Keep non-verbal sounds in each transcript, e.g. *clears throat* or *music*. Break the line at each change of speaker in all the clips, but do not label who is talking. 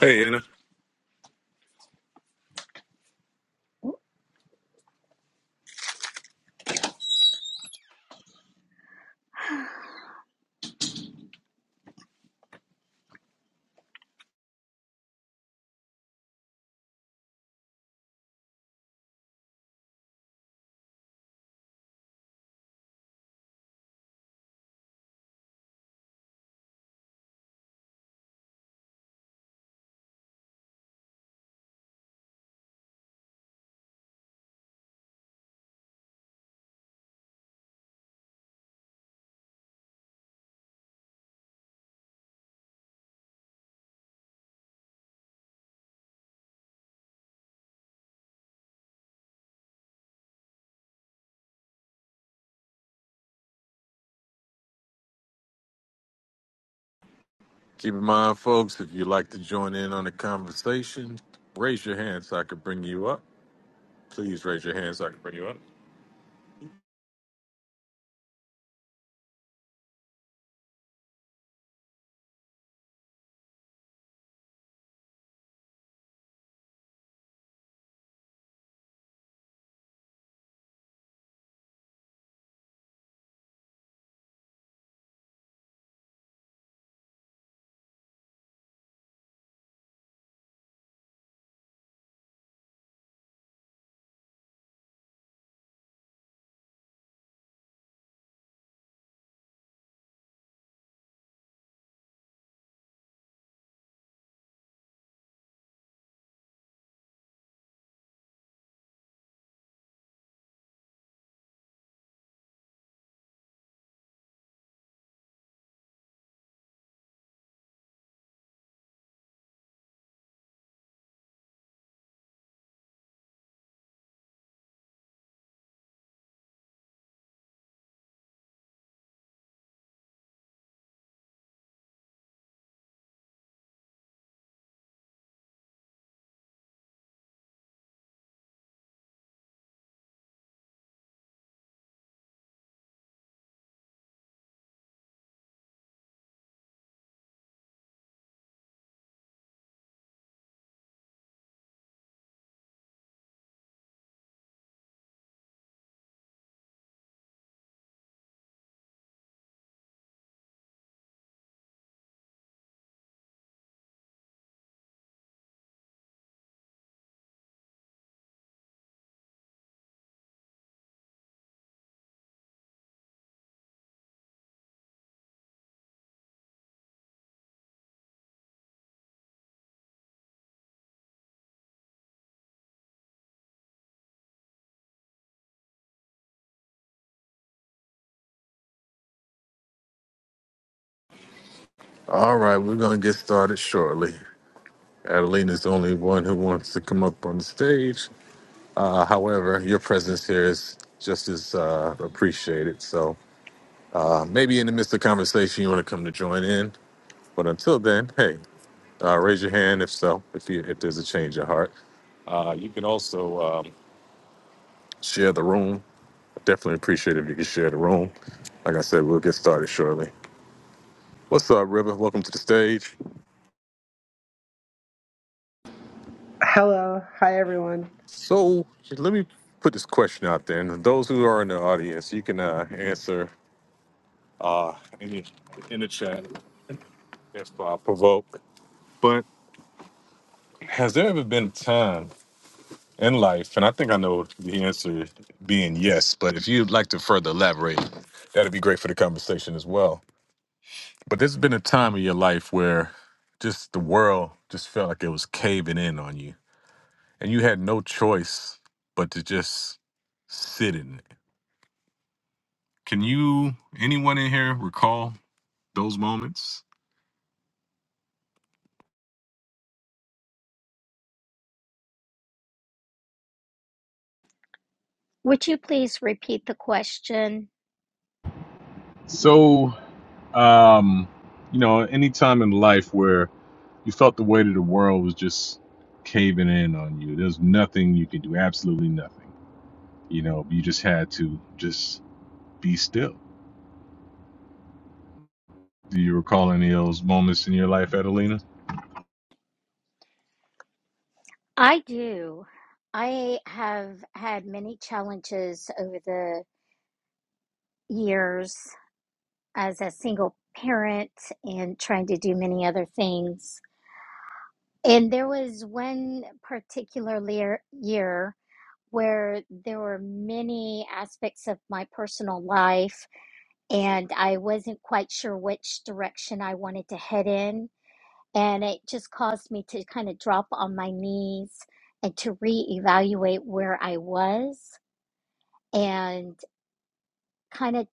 Hey, Anna. Keep in mind, folks, if you'd like to join in on the conversation, raise your hand so I can bring you up. Please raise your hand so I can bring you up. All right, we're going to get started shortly. Adelina's the only one who wants to come up on the stage. Uh, however, your presence here is just as uh, appreciated. So uh, maybe in the midst of conversation, you want to come to join in. But until then, hey, uh, raise your hand if so, if, you, if there's a change of heart. Uh, you can also um, share the room Definitely appreciate it if you could share the room. Like I said, we'll get started shortly. What's up, River? Welcome to the stage.
Hello. Hi, everyone.
So let me put this question out there, and those who are in the audience, you can uh, answer uh, in, the, in the chat if uh, provoked. But has there ever been a time in life, and I think I know the answer being yes, but if you'd like to further elaborate, that'd be great for the conversation as well. But there's been a time in your life where just the world just felt like it was caving in on you and you had no choice but to just sit in it. Can you, anyone in here, recall those moments?
Would you please repeat the question?
So, um, you know, any time in life where you felt the weight of the world was just caving in on you, there's nothing you could do, absolutely nothing. You know, you just had to just be still. Do you recall any of those moments in your life, Adelina?
I do. I have had many challenges over the years as a single parent and trying to do many other things. And there was one particular lear- year where there were many aspects of my personal life, and I wasn't quite sure which direction I wanted to head in. And it just caused me to kind of drop on my knees and to reevaluate where I was and kind of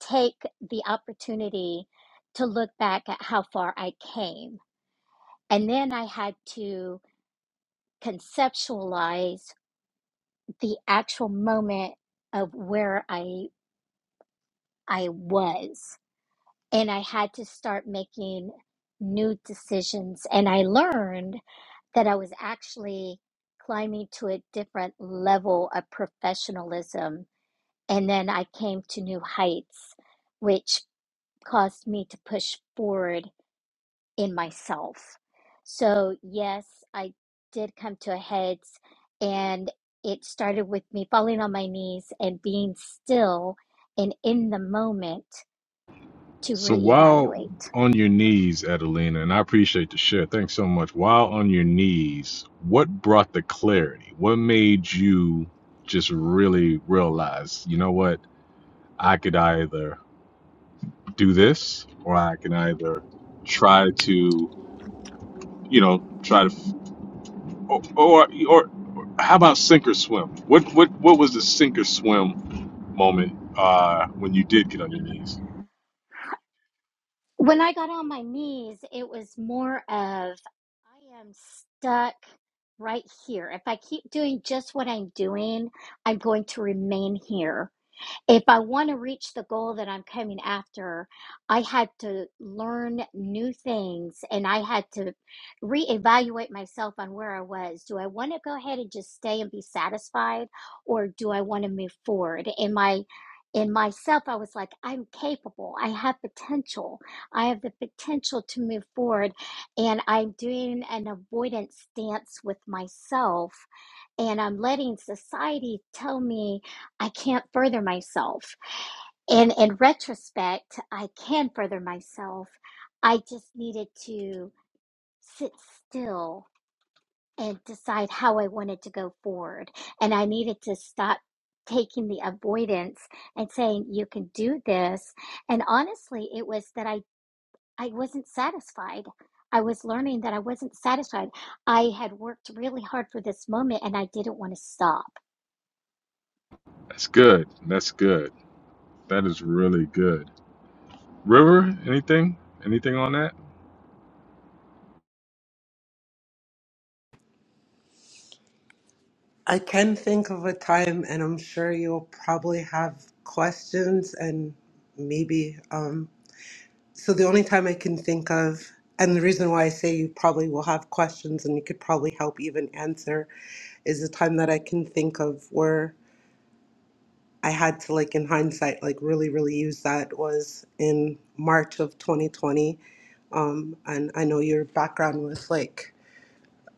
take the opportunity to look back at how far I came. And then I had to conceptualize the actual moment of where I I was. And I had to start making new decisions. And I learned that I was actually climbing to a different level of professionalism. And then I came to new heights, which caused me to push forward in myself. So, yes, I did come to a heads, and it started with me falling on my knees and being still and in the moment to
So while
reevaluate.
on your knees, Adelina, and I appreciate the share. Thanks so much. While on your knees, what brought the clarity? What made you just really realize, you know what? I could either do this or I can either try to, you know, try to or or, or how about sink or swim? What what what was the sink or swim moment uh when you did get on your knees?
When I got on my knees, it was more of I am stuck right here. If I keep doing just what I'm doing, I'm going to remain here if I want to reach the goal that I'm coming after, I had to learn new things and I had to reevaluate myself on where I was. Do I want to go ahead and just stay and be satisfied or do I want to move forward? In my in myself I was like I'm capable. I have potential. I have the potential to move forward and I'm doing an avoidance stance with myself and I'm letting society tell me I can't further myself. And in retrospect, I can further myself. I just needed to sit still and decide how I wanted to go forward. And I needed to stop taking the avoidance and saying, you can do this. And honestly, it was that I, I wasn't satisfied. I was learning that I wasn't satisfied. I had worked really hard for this moment and I didn't want to stop.
That's good. That's good. That is really good. River, anything? Anything on that?
I can think of a time, and I'm sure you'll probably have questions and maybe. Um, so, the only time I can think of, and the reason why I say you probably will have questions and you could probably help even answer, is the time that I can think of where I had to, like, in hindsight, like, really, really use that was in March of 2020. Um, and I know your background was like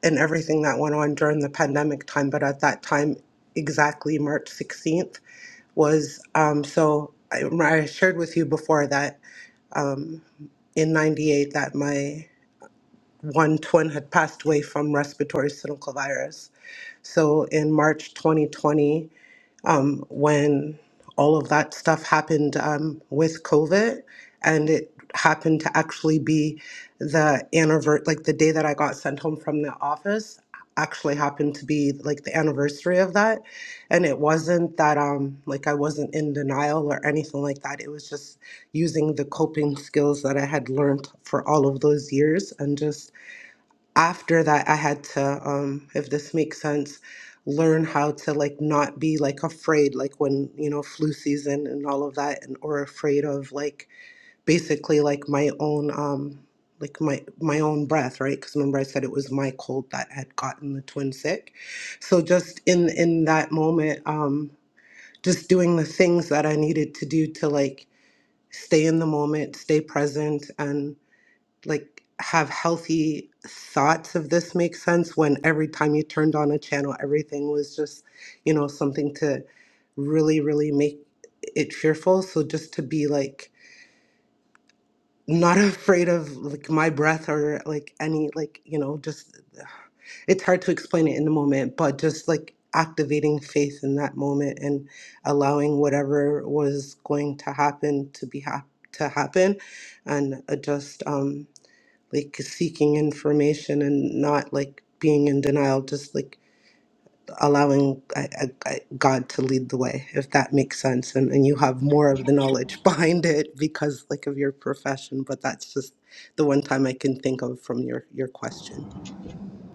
and everything that went on during the pandemic time. But at that time, exactly March 16th was um, so I, I shared with you before that um, in 98 that my one twin had passed away from respiratory syncytial virus. So in March 2020, um, when all of that stuff happened um, with COVID, and it happened to actually be the anniversary, like the day that I got sent home from the office, actually happened to be like the anniversary of that, and it wasn't that um like I wasn't in denial or anything like that. It was just using the coping skills that I had learned for all of those years and just after that i had to um if this makes sense learn how to like not be like afraid like when you know flu season and all of that and or afraid of like basically like my own um like my my own breath right because remember i said it was my cold that had gotten the twin sick so just in in that moment um just doing the things that i needed to do to like stay in the moment stay present and like have healthy thoughts if this makes sense when every time you turned on a channel everything was just you know something to really really make it fearful so just to be like not *laughs* afraid of like my breath or like any like you know just it's hard to explain it in the moment but just like activating faith in that moment and allowing whatever was going to happen to be hap- to happen and uh, just um like seeking information and not like being in denial just like allowing I, I, I- god to lead the way if that makes sense and, and you have more of the knowledge *laughs* behind it because like of your profession but that's just the one time i can think of from your your question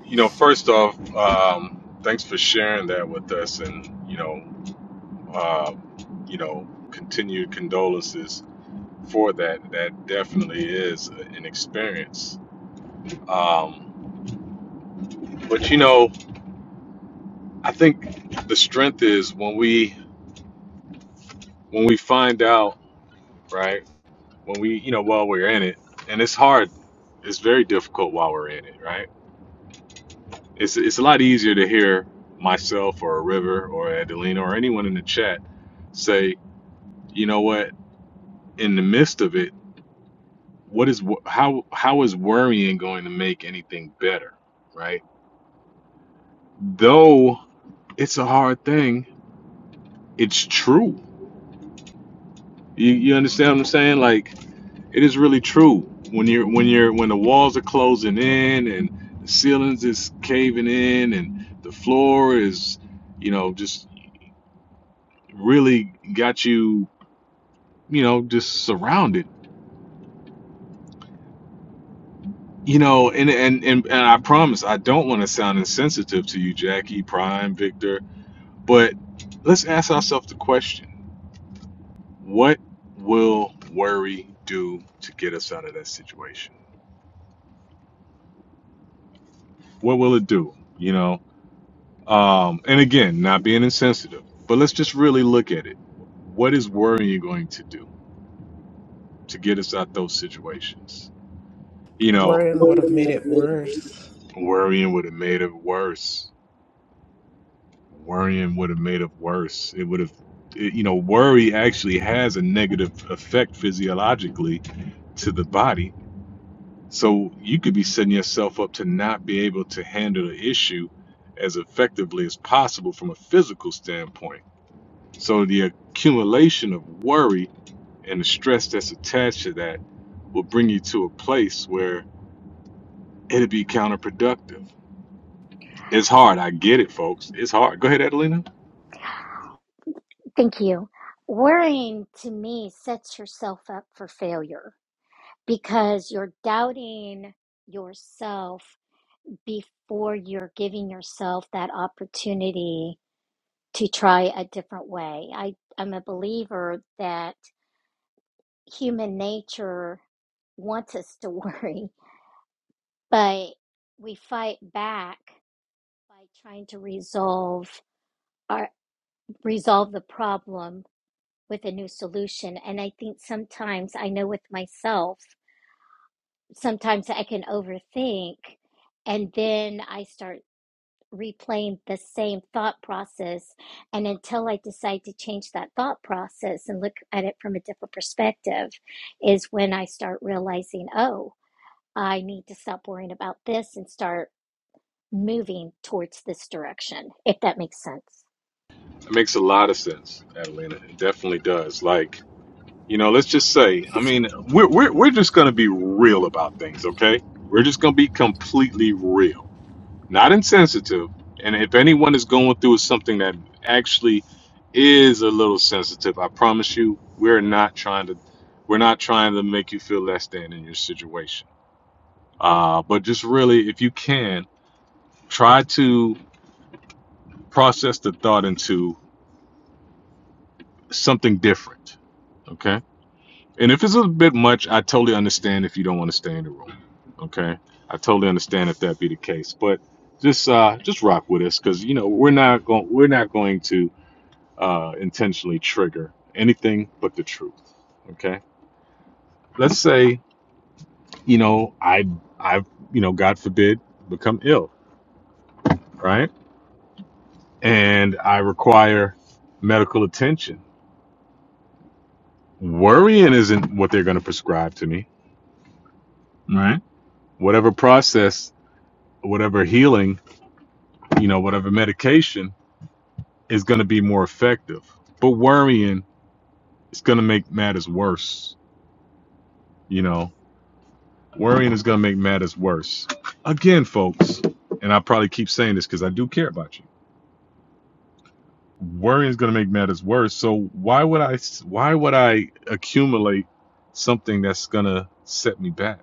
You know, first off, um, thanks for sharing that with us, and you know, uh, you know, continued condolences for that. That definitely is an experience. Um, but you know, I think the strength is when we when we find out, right? When we, you know, while we're in it, and it's hard, it's very difficult while we're in it, right? It's it's a lot easier to hear myself or River or Adelina or anyone in the chat say, you know what, in the midst of it, what is wo- how how is worrying going to make anything better, right? Though it's a hard thing. It's true. You, you understand what I'm saying? Like it is really true. When you're when you're when the walls are closing in and the ceilings is caving in and the floor is, you know, just really got you you know, just surrounded. You know, and and and, and I promise I don't want to sound insensitive to you, Jackie, Prime, Victor, but let's ask ourselves the question. What will worry do to get us out of that situation? What will it do? You know? Um, and again, not being insensitive, but let's just really look at it. What is worrying going to do to get us out those situations? You know,
Worrying would have
Worrying
made
would have
it
made it
worse.
worse. worrying would have made it worse worrying would have made it worse. It would have, it- you know, worry actually has a negative effect physiologically to the body. So you could be setting yourself up to not be able to handle the issue as effectively as possible from a physical standpoint. So the accumulation of worry and the stress that's attached to that will bring you to a place where it'll be counterproductive. It's hard. I get it, folks. It's hard. Go ahead, Adelina.
Thank you. Worrying to me sets yourself up for failure because you're doubting yourself before you're giving yourself that opportunity to try a different way. I, I'm a believer that human nature wants us to *laughs* worry, but we fight back by trying to resolve our resolve the problem with a new solution. And I think sometimes I know with myself, sometimes I can overthink and then I start replaying the same thought process. And until I decide to change that thought process and look at it from a different perspective, is when I start realizing, oh, I need to stop worrying about this and start moving towards this direction, if that makes sense.
That makes a lot of sense, Adelina. It definitely does. Like, you know, let's just say, I mean, we're, we're, we're just going to be real about things, okay? We're just going to be completely real, not insensitive. And if anyone is going through something that actually is a little sensitive, I promise you, we're not trying to. We're not trying to make you feel less than in your situation. Uh, but just really, if you can, try to process the thought into something different. Okay And if it's a bit much, I totally understand if you don't want to stay in the room. Okay, I totally understand if that be the case. But just uh, just rock with us because you know we're not going we're not going to uh, intentionally trigger anything but the truth. Okay, let's say you know I I you know God forbid become ill, right? And I require medical attention. Worrying isn't what they're going to prescribe to me, right? Whatever process, whatever healing you know, whatever medication is going to be more effective. But worrying is going to make matters worse, you know. Worrying is going to make matters worse. Again, folks, and I probably keep saying this cuz I do care about you. Worrying is going to make matters worse. So why would I why would I accumulate something that's going to set me back,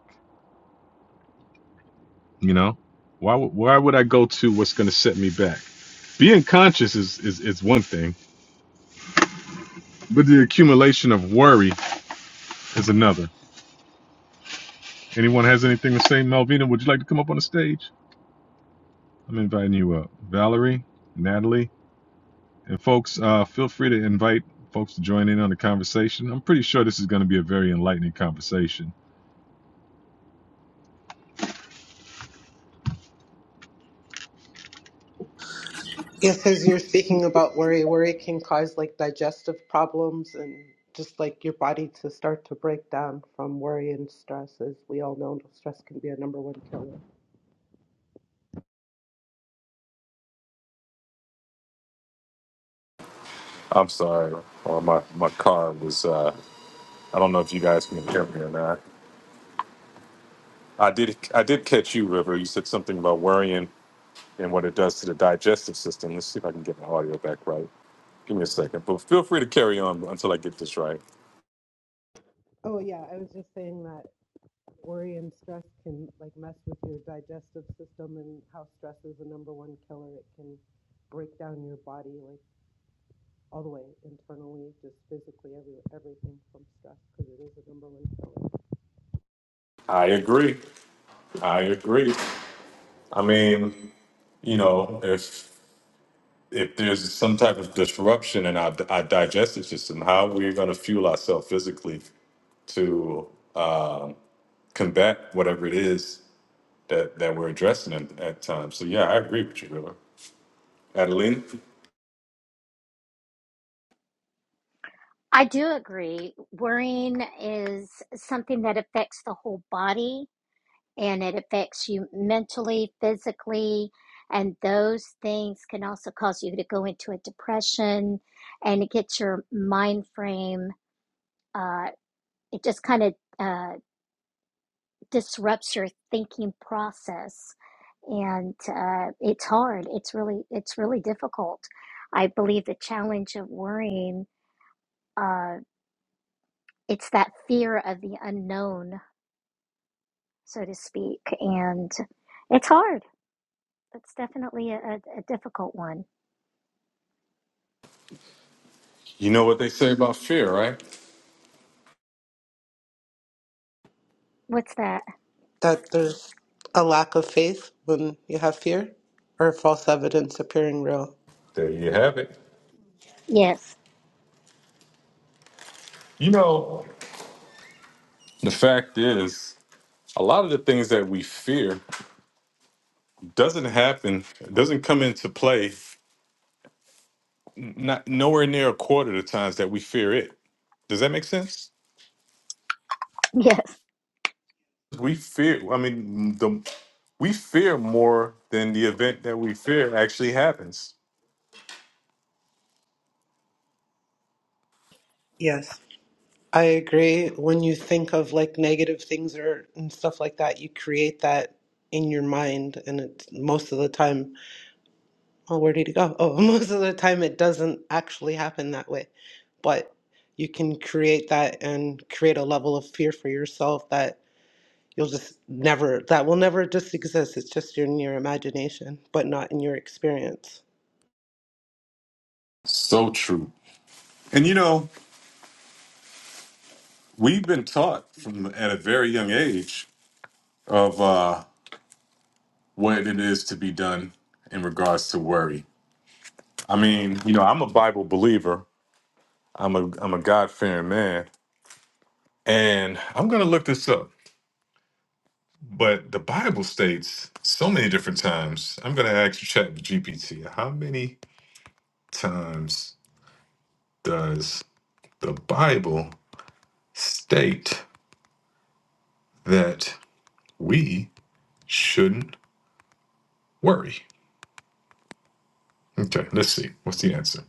you know? Why would why would I go to what's going to set me back? Being conscious is, is is one thing, but the accumulation of worry is another. Anyone has anything to say? Melvina, would you like to come up on the stage? I'm inviting you up. Valerie, Natalie, and folks, uh, feel free to invite folks to join in on the conversation. I'm pretty sure this is going to be a very enlightening conversation.
Yes, as you're speaking about worry, worry can cause like digestive problems and just like your body to start to break down from worry and stress. As we all know, stress can be a number one killer.
I'm sorry, or my my car was. Uh, I don't know if you guys can hear me or not. I did I did catch you, River. You said something about worrying and what it does to the digestive system. Let's see if I can get my audio back right. Give me a second, but feel free to carry on until I get this right.
Oh, yeah, I was just saying that worry and stress can like mess with your digestive system and how stress is the number one killer. It can break down your body like all the way internally, just physically, every, everything from stress because it is the number one killer.
I agree. I agree. I mean. you know, if if there's some type of disruption in our, our digestive system, how we're going to fuel ourselves physically to um, combat whatever it is that, that we're addressing at, at times. So, yeah, I agree with you, River. Adeline,
I do agree. Worrying is something that affects the whole body and it affects you mentally, physically, and those things can also cause you to go into a depression and it gets your mind frame, uh, it just kind of uh, disrupts your thinking process. And uh, it's hard. It's really, it's really difficult. I believe the challenge of worrying, uh, it's that fear of the unknown, so to speak. And it's hard. It's definitely a, a a difficult one.
you know what they say about fear, right?
What's that?
That there's a lack of faith when you have fear or false evidence appearing real.
There you have it.
Yes,
You know, the fact is, a lot of the things that we fear doesn't happen, doesn't come into play, not nowhere near a quarter of the times that we fear it. Does that make sense?
*laughs* yes.
we fear i mean the we fear more than the event that we fear actually happens
Yes. I agree. When you think of like negative things or and stuff like that, you create that in your mind and it's most of the time oh, where did it go? Oh, *laughs* most of the time it doesn't actually happen that way. But you can create that and create a level of fear for yourself that you'll just never, that will never just exist. It's just in your imagination, but not in your experience.
So true. And you know, we've been taught from at a very young age of uh, what it is to be done in regards to worry. I mean, you know i'm a bible believer i'm a i'm a god-fearing man and i'm gonna look this up but the bible states so many different times i'm gonna ask chat gpt how many times does the bible state that we shouldn't worry. Okay, let's see. What's the answer?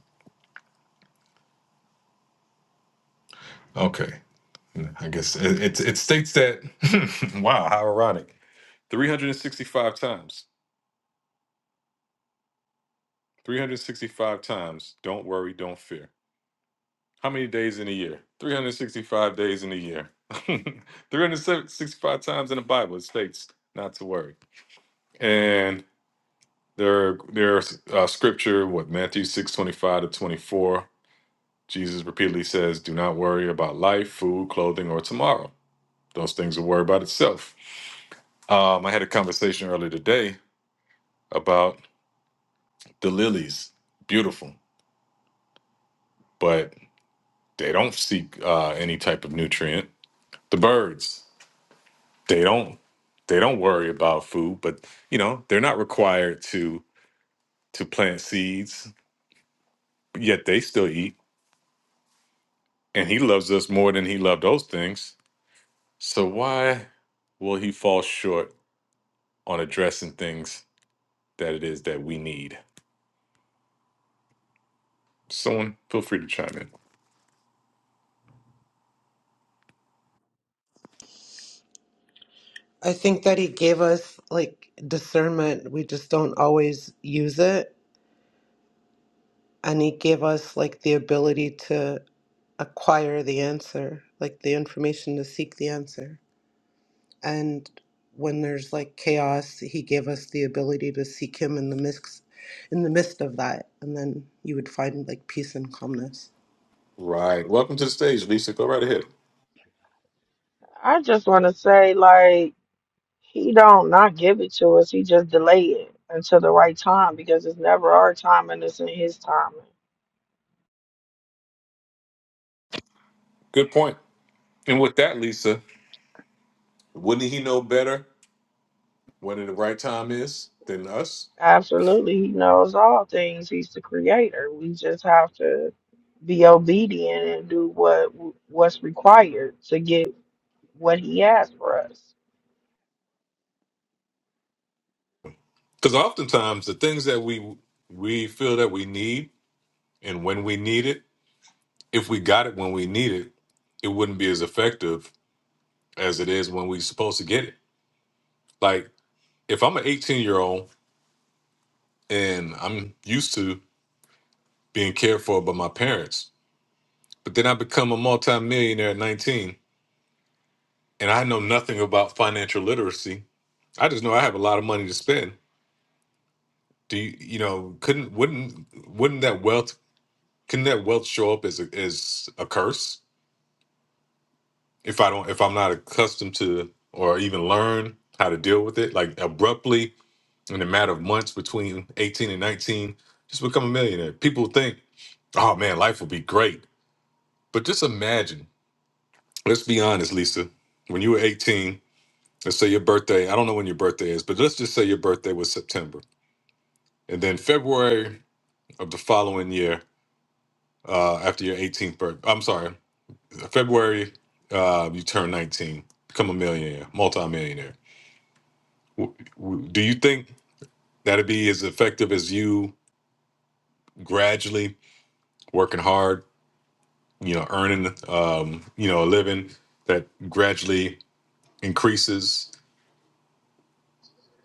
Okay, I guess it, it, it states that. *laughs* wow, how ironic. 365 times. 365 times. Don't worry, don't fear. How many days in a year? 365 days in a year. *laughs* 365 times in the Bible, it states not to worry. And there, there's uh, scripture, what, Matthew 6 25 to 24 Jesus repeatedly says, Do not worry about life, food, clothing, or tomorrow. Those things will worry about itself. Um, I had a conversation earlier today about the lilies. Beautiful, but they don't seek uh, any type of nutrient. The birds, they don't they don't worry about food, but you know, they're not required to to plant seeds, yet they still eat. And he loves us more than he loved those things. So why will he fall short on addressing things that it is that we need? someone feel free to chime in.
I think that he gave us like discernment. We just don't always use it. And he gave us like the ability to acquire the answer, like the information to seek the answer. and when there's like chaos he gave us the ability to seek him in the mix in the midst of that and then you would find like peace and calmness
Right. Welcome to the stage, Lisa. Go right ahead.
I just want to say, like, he don't not give it to us. He just delay it until the right time because it's never our time and it's in his timing.
Good point. And with that, Lisa, wouldn't he know better when the right time is than us?
Absolutely, he knows all things. He's the creator. We just have to be obedient and do what what's required to get what he has for us.
Because oftentimes the things that we we feel that we need and when we need it, if we got it when we need it, it wouldn't be as effective as it is when we're supposed to get it. Like if I'm an 18 year old and I'm used to being cared for by my parents, but then I become a multimillionaire at 19 and I know nothing about financial literacy. I just know I have a lot of money to spend. Do you, you know? Couldn't wouldn't wouldn't that wealth couldn't that wealth show up as a as a curse if I don't if I'm not accustomed to or even learn how to deal with it like abruptly in a matter of months between 18 and 19 just become a millionaire. People think, oh man, life will be great, but just imagine. Let's be honest, Lisa. When you were 18, let's say your birthday. I don't know when your birthday is, but let's just say your birthday was September And then February of the following year, uh, after your 18th birthday, I'm sorry, February, uh, you turn 19, become a millionaire, multimillionaire. W- w- Do you think that'd be as effective as you gradually working hard, you know, earning, um, you know, a living that gradually increases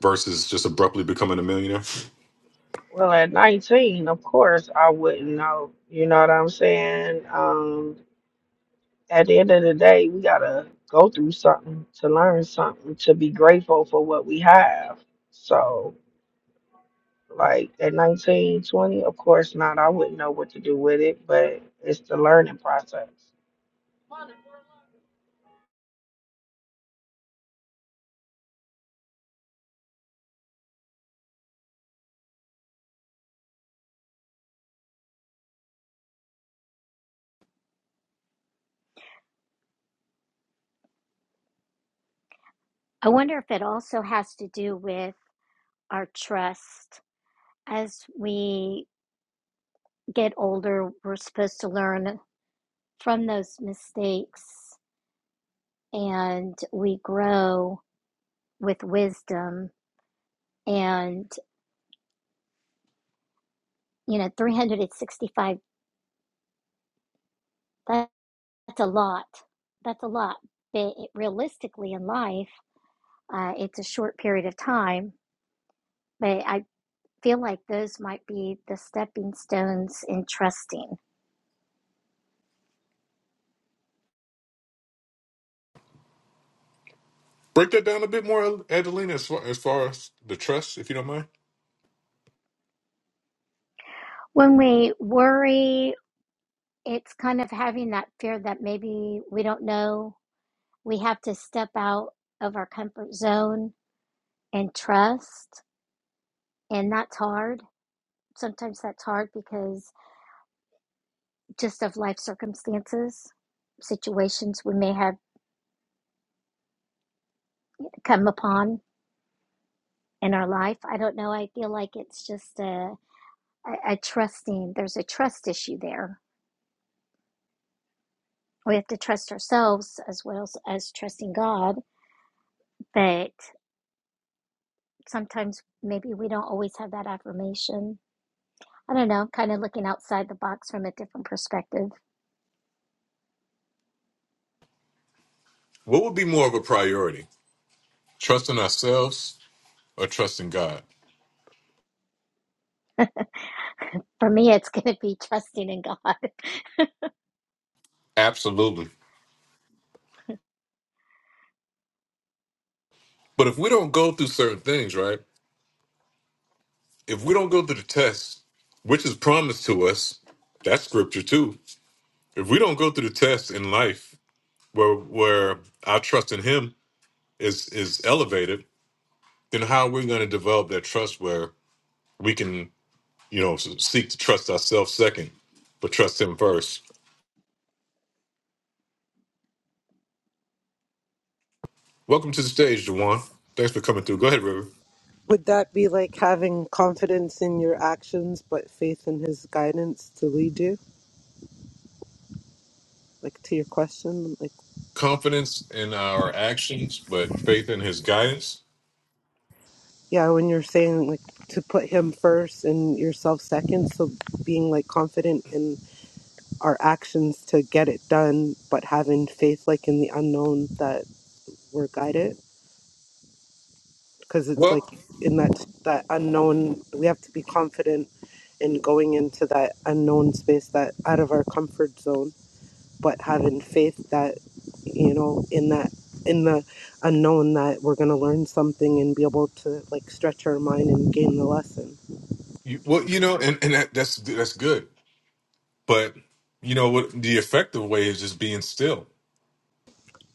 versus just abruptly becoming a millionaire?
Well, at 19, of course, I wouldn't know. You know what I'm saying? Um, at the end of the day, we gotta go through something to learn something to be grateful for what we have. So, like at 19, 20, of course not. I wouldn't know what to do with it, but it's the learning process.
I wonder if it also has to do with our trust. As we get older, we're supposed to learn from those mistakes and we grow with wisdom. And, you know, 365, that, that's a lot. That's a lot. But it, realistically, in life, uh, it's a short period of time. But I feel like those might be the stepping stones in trusting
Break that down a bit more, Adelina, as far as, far as the trust, if you don't mind.
When we worry, it's kind of having that fear that maybe we don't know. We have to step out of our comfort zone and trust. And that's hard. Sometimes that's hard because just of life circumstances, situations we may have come upon in our life. I don't know. I feel like it's just a, a, a trusting, there's a trust issue there. We have to trust ourselves as well as, as trusting God. But sometimes maybe we don't always have that affirmation. I don't know, kind of looking outside the box from a different perspective.
What would be more of a priority? Trusting ourselves or trust in God.
For me, it's *laughs* going to be trusting in God.
Absolutely. But if we don't go through certain things, right? If we don't go through the test, which is promised to us, that's scripture too. If we don't go through the test in life where where our trust in him is is elevated, then how are we going to develop that trust where we can, you know, s- seek to trust ourselves second, but trust him first? Welcome to the stage, Juwan. Thanks for coming through. Go ahead, River.
would that be like having confidence in your actions but faith in his guidance to lead you like to your question like
Confidence in our actions, but faith in his guidance.
yeah when you're saying like to put him first and yourself second so being like confident in our actions to get it done but having faith like in the unknown that we're guided because it's like
Well.
in that that unknown we have to be confident in going into that unknown space that out of our comfort zone but having faith that you know in that in the unknown that we're going to learn something and be able to like stretch our mind and gain the lesson
You, well, you know, and, and that, that's that's good, but you know what? The effective way is just being still,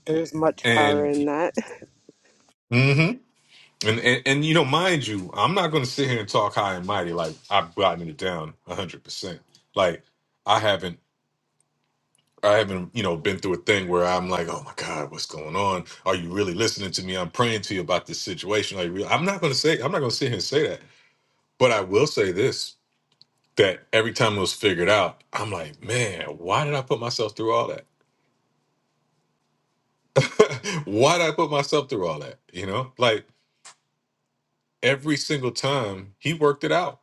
there's much power
and
in that *laughs*
hmm and, and and you know, mind you, I'm not going to sit here and talk high and mighty like I've gotten it down hundred percent. Like I haven't, I haven't, you know, been through a thing where I'm like, oh my god, what's going on? Are you really listening to me? I'm praying to you about this situation. Are you really? I'm not going to say, I'm not going to sit here and say that, but I will say this: that every time it was figured out, I'm like, man, why did I put myself through all that? *laughs* Why did I put myself through all that? You know, like every single time he worked it out.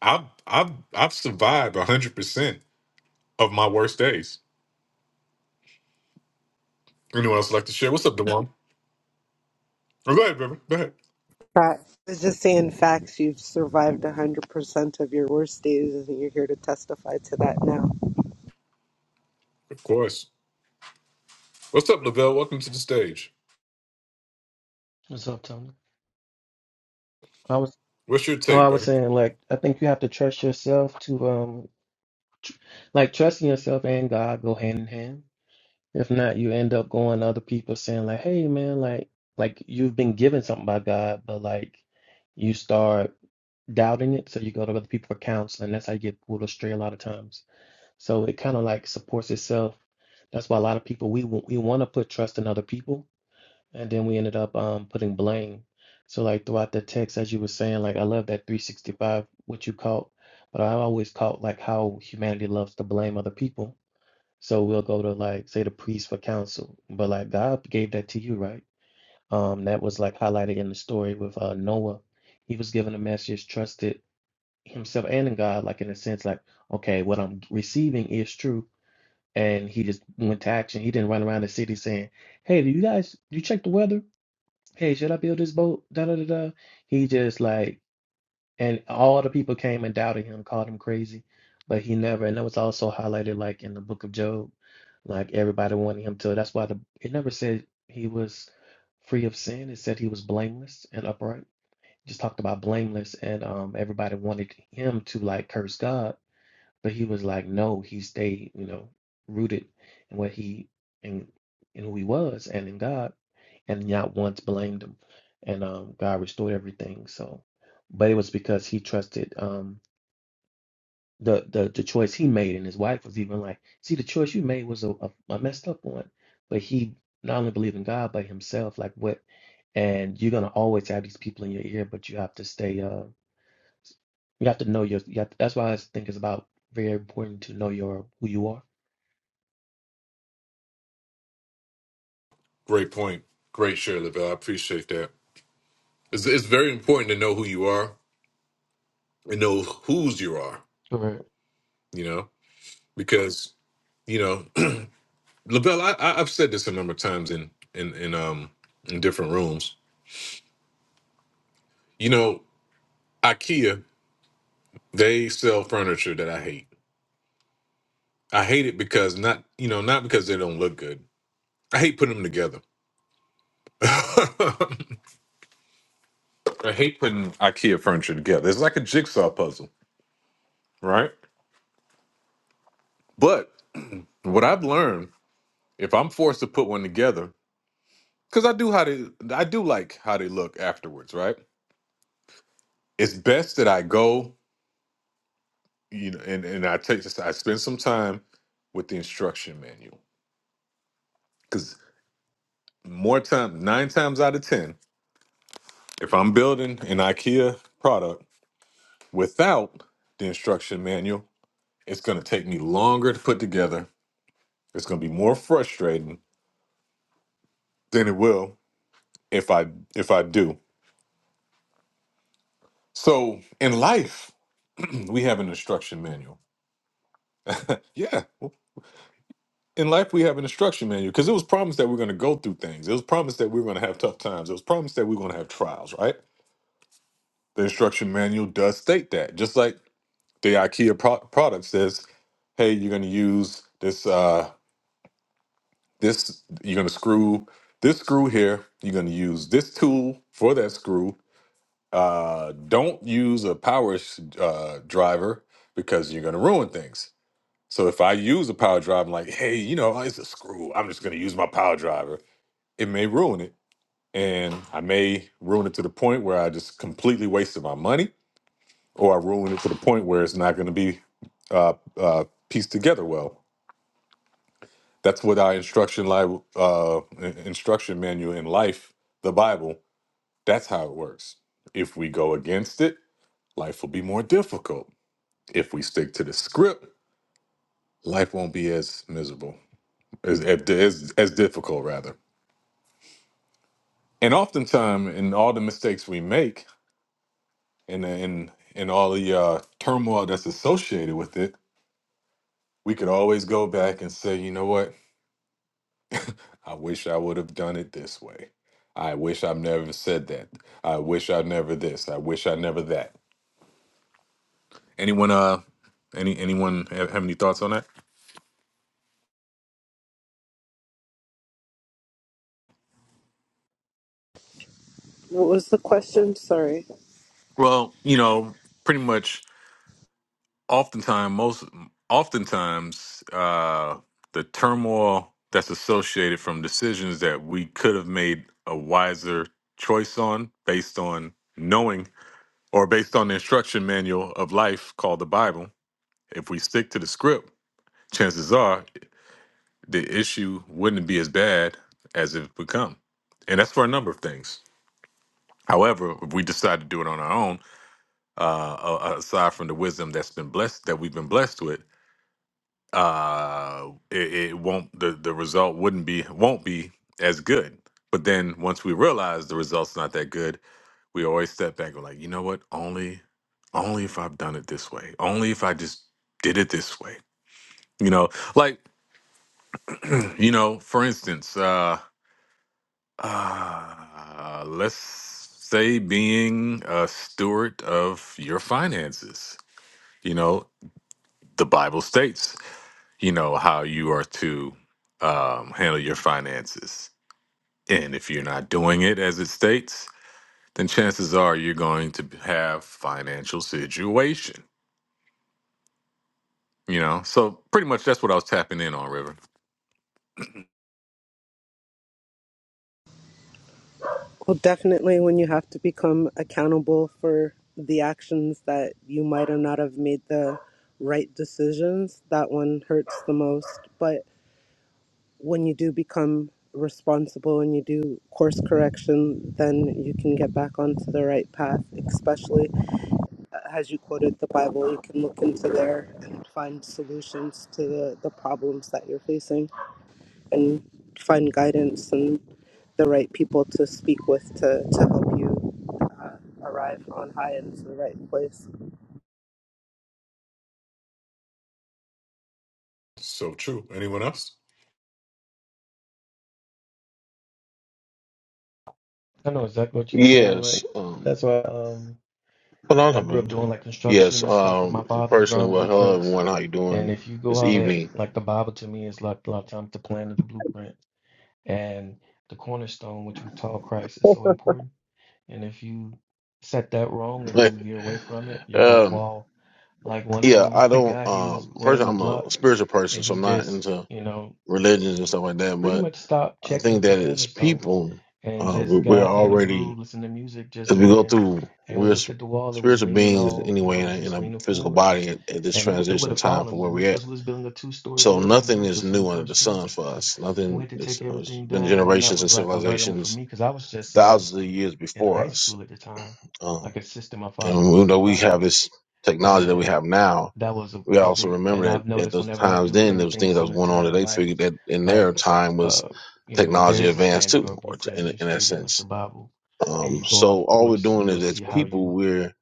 I've I've I've survived hundred percent of my worst days. Anyone else like to share? What's up, Dewan? Oh, go ahead, baby. Go ahead.
Fact- it's just saying facts you've survived 100% of your worst days and you're here to testify to that now
Of course. What's up, Lavelle? Welcome to the stage.
What's up, Tony? I was
What's your
oh,
take,
I was
buddy?
saying like I think you have to trust yourself to um like trusting yourself and God go hand in hand. If not, you end up going to other people saying like, "Hey, man, like like you've been given something by God, but like you start doubting it, so you go to other people for counseling. That's how you get pulled astray a lot of times. So it kind of like supports itself. That's why a lot of people we wa- we want to put trust in other people, And then we ended up um putting blame. So like throughout the text, as you were saying, like I love that 365, what you caught, but I always caught like how humanity loves to blame other people. So we'll go to like say the priest for counsel, but like God gave that to you, right? Um, that was like highlighted in the story with uh Noah. He was given a message, trusted himself and in God, like in a sense, like okay, what I'm receiving is true, and he just went to action. He didn't run around the city saying, "Hey, do you guys, you check the weather?" hey, should I build this boat? Da da da da. He just like, and all the people came and doubted him, called him crazy, but he never. And that was also highlighted like in the book of Job, like everybody wanted him to. That's why the it never said he was free of sin. It said he was blameless and upright. Just talked about blameless, and um, everybody wanted him to like curse God but he was like, no, he stayed, you know, rooted in what he and in in who he was and in God, and not once blamed him. And um, God restored everything. So, but it was because he trusted um, the the the choice he made, and his wife was even like, see, the choice you made was a, a, a messed up one. But he not only believed in God, but himself. Like what? And you're gonna always have these people in your ear, but you have to stay. uh, you have to know your. You have that's why I think it's about very important to know your who you are.
Great point. Great share, Lavelle. I appreciate that. It's, it's very important to know who you are and know whose you are.
Right.
You know, because you know, *clears throat* Lavelle. I, I, I've said this a number of times in in in um in different rooms You know, IKEA, they sell furniture that I hate. I hate it because not, you know, not because they don't look good. I hate putting them together. *laughs* I hate putting IKEA furniture together. It's like a jigsaw puzzle, right? But what I've learned, if I'm forced to put one together, because I do how they, I do like how they look afterwards, right? It's best that I go, you know, and and I take, I spend some time with the instruction manual because more time, nine times out of ten, If I'm building an IKEA product without the instruction manual, it's going to take me longer to put together. It's going to be more frustrating than it will if I if I do. So, in life, *clears throat* we have an instruction manual. Yeah. In life, we have an instruction manual because it was promised that we're going to go through things. It was promised that we were going to have tough times. It was promised that we were going to have trials, right? The instruction manual does state that. Just like the IKEA pro- product says, hey, you're going to use this. Uh, This you're gonna screw this screw here. You're gonna use this tool for that screw. Uh, don't use a power sh- uh, driver because you're gonna ruin things. So if I use a power driver, I'm like, hey, you know, it's a screw. I'm just gonna use my power driver. It may ruin it, and I may ruin it to the point where I just completely wasted my money, or I ruin it to the point where it's not gonna be uh, uh, pieced together well. That's what our instruction li- uh, in- instruction manual in life, the Bible. That's how it works. If we go against it, life will be more difficult. If we stick to the script, life won't be as miserable, as as, as difficult rather. And oftentimes, in all the mistakes we make, and and and all the uh, turmoil that's associated with it, we could always go back and say, you know what? I wish I would have done it this way. I wish I've never said that. I wish I never this. I wish I never that. Anyone uh any anyone have, have any thoughts on that?
what was the question sorry
Well, you know, pretty much oftentimes most oftentimes uh the turmoil that's associated from decisions that we could have made a wiser choice on based on knowing or based on the instruction manual of life called the Bible, if we stick to the script, chances are the issue wouldn't be as bad as it's become. And that's for a number of things. However, if we decide to do it on our own, uh, a- aside from the wisdom that's been blessed, that we've been blessed with, uh, it, it won't, the, the result wouldn't be, won't be as good. But then once we realize the result's not that good, we always step back and like, you know what? Only, only if I've done it this way, only if I just did it this way, you know, like, you know, for instance, Uh, Uh, let's say being a steward of your finances. You know, the Bible states, you know, how you are to um, handle your finances. And if you're not doing it as it states, then chances are you're going to have financial situation. You know, so pretty much that's what I was tapping in on, River.
Well, definitely when you have to become accountable for the actions that you might or not have made the right decisions, that one hurts the most. But when you do become responsible and you do course correction, then you can get back onto the right path, especially uh, as you quoted the Bible, you can look into there and find solutions to the, the problems that you're facing and find guidance and the right people to speak with to, to help you arrive on high and to the right place.
So true. Anyone else?
I know exactly what you're saying. Like
Yes. Um,
that's why um
hold on
I
a
grew up
minute.
doing like construction
Yes.
and stuff with my
Um,
father,
personally,
drawing
well, hello
blueprints.
everyone. How you
And
doing
if you
this
go out
evening?
like the Bible to me is like a lot of times the plan of the blueprint and the cornerstone which we taught Christ
*laughs*
is
um,
so important. And if you set that wrong and you veer away from it, your whole wall. Like one
yeah,
time,
I
*laughs* a
don't.
guy he was
Um,
laying
personally,
the
I'm
block
a spiritual person,
and
so
he
I'm not
just
into
you know.
religions and stuff like that.
pretty
But
much stopped
I
checking
think
with the
that as
cornerstone
people,
and
uh, we,
just
we're
got in a
already
groove, listening to music, just
as we go
laying.
through,
And we
we're s-
looked at the wall, it was
spiritual
leaning
beings
all, you know,
anyway
it
in a,
was
in
just
a
leaning
physical
forward.
body at, at this
And it, w- it would
transition
have
time for
fallen, but
where
it was
we're at.
because we was building a two story
So
building we
nothing
were
is
just on the
new under
first
the
floor.
sun for us.
And we
Nothing.
had to take
It's, it's
everything
been
down. And that
generations
was
and
like a learning moment for
civilizations
me because I was just uh,
thousands of years
in
before
high
us.
school at the time, like
Um,
assisting my father
and even
with the
though we have
project.
this technology that we
And
have now,
that was a,
we
a
also
big, and
remember that
I've
at
noticed
those
whenever I
times
do
then, there was
anything
things that was
similar
going
to
on
that
that
in
they
life,
figured that in their
like,
time was
uh, you know, you, there
technology
is a
advanced
standard
too,
or a
or t-
blueprint,
in,
as you
in that
stated, like the
sense.
Bible, and
Um,
you go
so
off
all we're
course,
doing
you'll
is as
see how
people,
you,
we're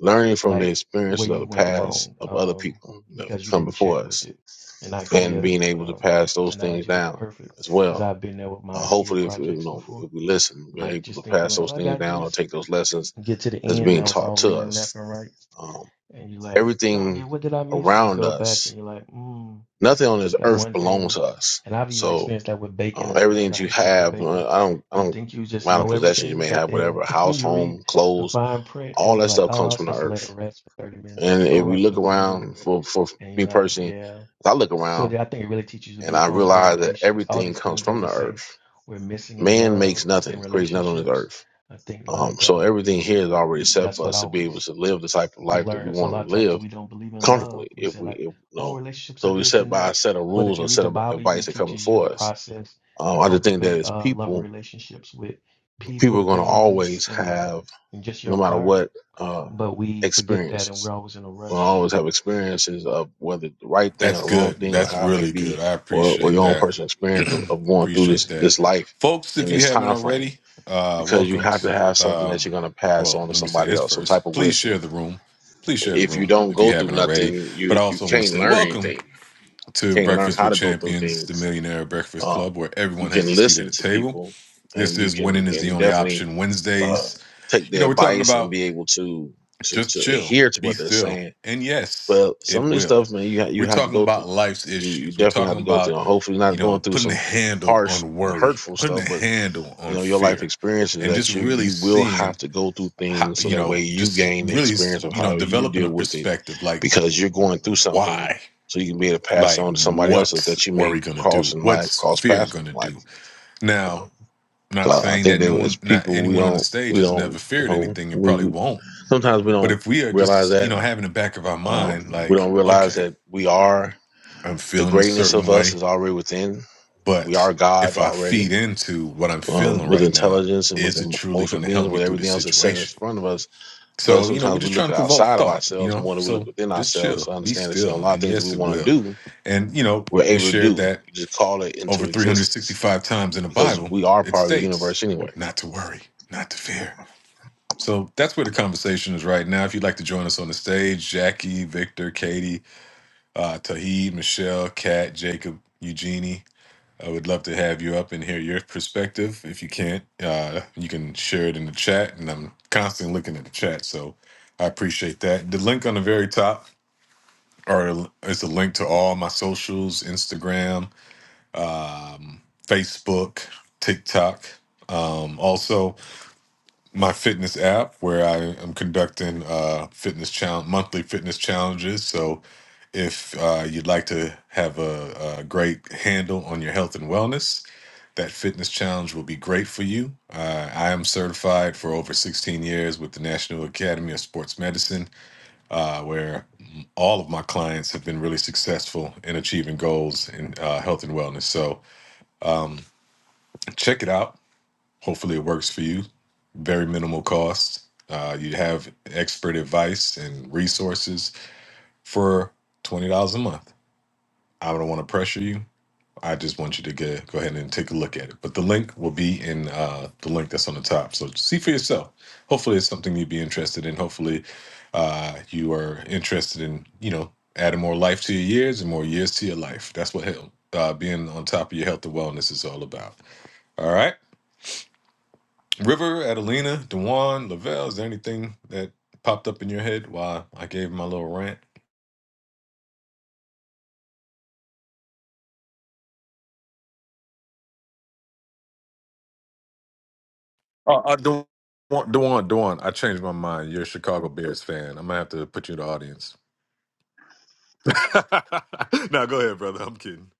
learning from the
like, where
experiences of
you
the
went
past
wrong,
of other
um,
people that have
because you
come
didn't
before
check with
us
it. And
and
IKEA,
being able to
um,
pass those things
analogy was
down
perfect
as
because
well.
I've been there with
Uh,
my IKEA
hopefully, if you
projects
know,
before,
if we listen, we're
like
able
just
to
thinking
pass
like,
those
oh, I
things
got
down or
this.
take those lessons
Get to the
that's
end,
being
now it's
taught
all
to
leaning left
us.
and right
Um,
and you're like, doggy,
everything
what did I miss? And you
around
go back and
us,
you're like, mm,
nothing on this
that
earth
one
belongs
thing.
to us.
And I've even
So
experienced that with bacon
uh,
as
everything
well. I
that you
hate that with
have,
bacon.
uh, I don't, I
You
don't,
think you just
amount of
know
possessions you
everything,
may
but
have,
then
whatever,
*laughs* when
house,
you read
home,
the
clothes,
fine print, it
all
was
that
like,
stuff
oh, I
comes
was
from the
supposed to let it
earth.
rest for 30
And
minutes.
if
Oh, I
we
was
look
supposed to do this.
around, for for
And you're
me
like,
personally,
yeah.
I look
So
around
yeah, I think it really teaches you to
and
be
I
humble and
realize that
patience. All
everything
these
comes
things that
from
we
the
say
earth.
we're missing in
Man
love
makes
and
nothing, creates nothing on this
relationships.
earth.
I think
Um,
like
so
uh,
everything here is already set
that's
for
what
us to be able
always
to live the type of life that we
learn. So a
want to
lot of
live
times we don't believe in love.
comfortably
We
if
say
we, if,
like,
you
oh,
know,
relationships are
so we
this
set
and
by a
that.
set of
But if
rules
you
or
read
set
the
of
Bible, it even
advice that come
teaches you the
before us.
process to
Um, I just think that
cultivate
as
uh, loving
people,
relationships with
people are
people,
going to
things,
always
and uh,
have,
and just
no
your
matter
environment.
what, uh,
But we forget that, and we're
experiences.
always in a
We're Going to
rush.
always have experiences of whether the right thing or
That's
the wrong
good.
thing or
That's
how it may
really good.
be,
I
or, or
appreciate
your own
that.
personal experience of, of going through this
Appreciate that.
this life
Folks,
in
if you
this
haven't
time frame.
already, uh,
Because you
welcome
have
to,
to have something that you're
um,
going to pass
well,
on to
let me say
somebody
this
else, some type
first.
of
Please
wisdom.
share the room. Please share the
If you
room
don't
if
go
you
through
haven't
nothing,
already. But
you
I
you
also want to
can't
say
learn
welcome
anything
to
can learn
Breakfast
how
with
to go through
Champions, the
things.
Millionaire Breakfast
Um,
Club, where
you
everyone has
can
a seat at
listen
the
to
table.
people,
This
and you
is
can
Winning is the
and
Only
definitely
Option
uh,
Wednesdays.
take
You
their
know, we're talking
advice and
about
be able to to
just
to
chill,
adhere to
be
what they're
still.
saying.
And yes,
But
it
some of this
will.
stuff, man, you ha- you
We're
have to
talking
go
about
through.
life's
You you
issues. We're
definitely
talking
have to go through.
about,
And hopefully,
you
not going
know,
through
putting a
some
handle
harsh
on
and
worry,
hurtful
putting
stuff,
a
but
handle
you
on
know your life
fear,
experiences
and just
that you
really
you will have
seeing
to go through
how,
things so
you
that way
know,
you
just
gain the
really,
experience of
you
how
know,
you
developing
deal
a
with it
perspective like,
because you're going through something
why?
so you can be able to pass
Like,
on to somebody else
what's
that you may
worry going to
cross
do?
in life
What's
cross
fear
paths with
going to
in
do?
life um,
Now,
so
not
I, I
saying
think
that
that
no
as
one, not
people we
anyone on the
don't
stage
we
has never
don't you
feared
know
anything and
we
probably
we-
won't
sometimes we
but
don't
if we are
realize
just, you
that
know, having the back of our
um,
mind,
we
like,
don't realize
okay,
that we are
I'm
the
feeling a
greatness of
certain
us
way,
is already within we
but
are gods
if I
already
feed into what I'm
um,
feeling
with
right now,
intelligence and with
is it truly going
emotional
to
beings,
help me
with
through the
everything else that's set in
situation?
front of us. But
So, you know, we're
sometimes we
just trying
look
to provoke
outside of
thought, you
ourselves
know?
more than we look
So
within
just
ourselves
chill,
to
be
understand that, you know, a
still.
lot of
And
things that we
yes, it
want to
will.
do,
And, you know,
we're
we
able to
shared
do.
that
You just call it
over
into existence
365 times in the
because
Bible,
we are
it
part of the
states
universe anyway.
not to worry, not to fear. So that's where the conversation is right now. If you'd like to join us on the stage, Jackie, Victor, Katie, uh, Tahid, Michelle, Kat, Jacob, Eugenie. I would love to have you up and hear your perspective. If you can't, uh, you can share it in the chat. And I'm constantly looking at the chat, so I appreciate that. The link on the very top, or it's a link to all my socials: Instagram, um, Facebook, TikTok. Um, also, my fitness app where I am conducting uh, fitness challenge monthly fitness challenges. So if uh, you'd like to have a, a great handle on your health and wellness, that fitness challenge will be great for you. Uh, I am certified for over 16 years with the National Academy of Sports Medicine, uh, where all of my clients have been really successful in achieving goals in uh, health and wellness. So um, check it out Hopefully, it works for you. Very minimal cost. Uh, you have expert advice and resources for twenty dollars a month. I don't want to pressure you. I just want you to get, go ahead and take a look at it. But the link will be in uh, the link that's on the top. So see for yourself. Hopefully, it's something you'd be interested in. Hopefully, uh, you are interested in you know adding more life to your years and more years to your life. That's what health, uh, being on top of your health and wellness is all about. All right. River, Adelina, Dewan, Lavelle, is there anything that popped up in your head while I gave my little rant? Oh, uh, Dewan, Dewan, Dewan, I changed my mind. You're a Chicago Bears fan. I'm going to have to put you in the audience. *laughs* now, go ahead, brother. I'm kidding.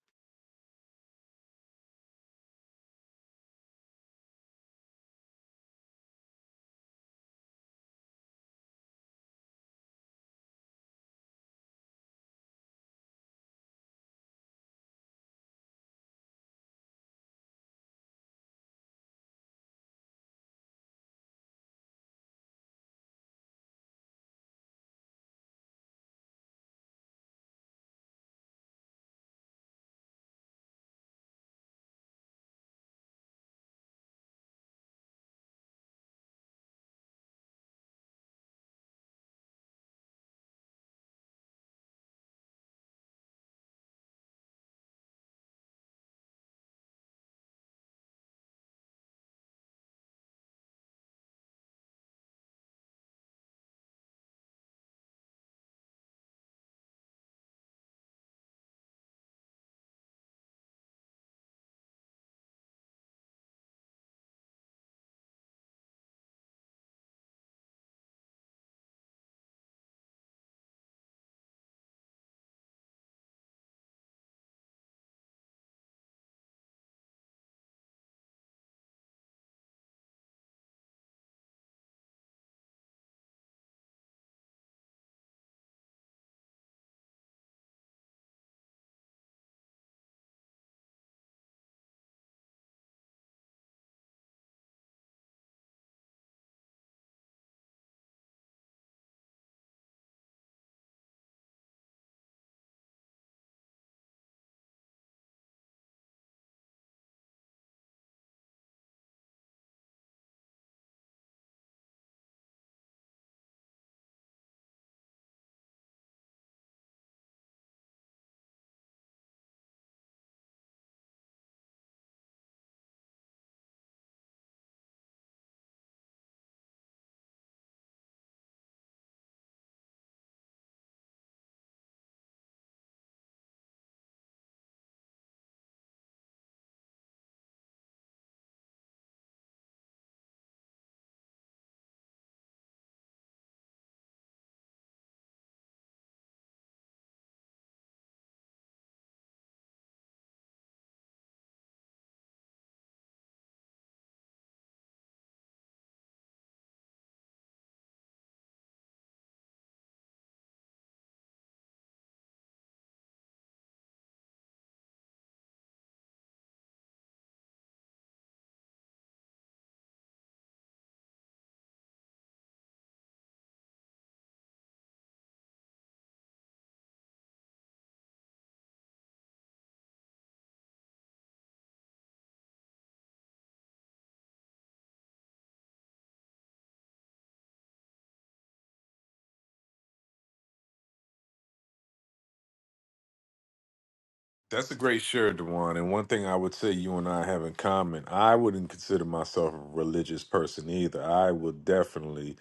That's a great shirt, Dewan. And one thing I would say you and I have in common, I wouldn't consider myself a religious person either. I would definitely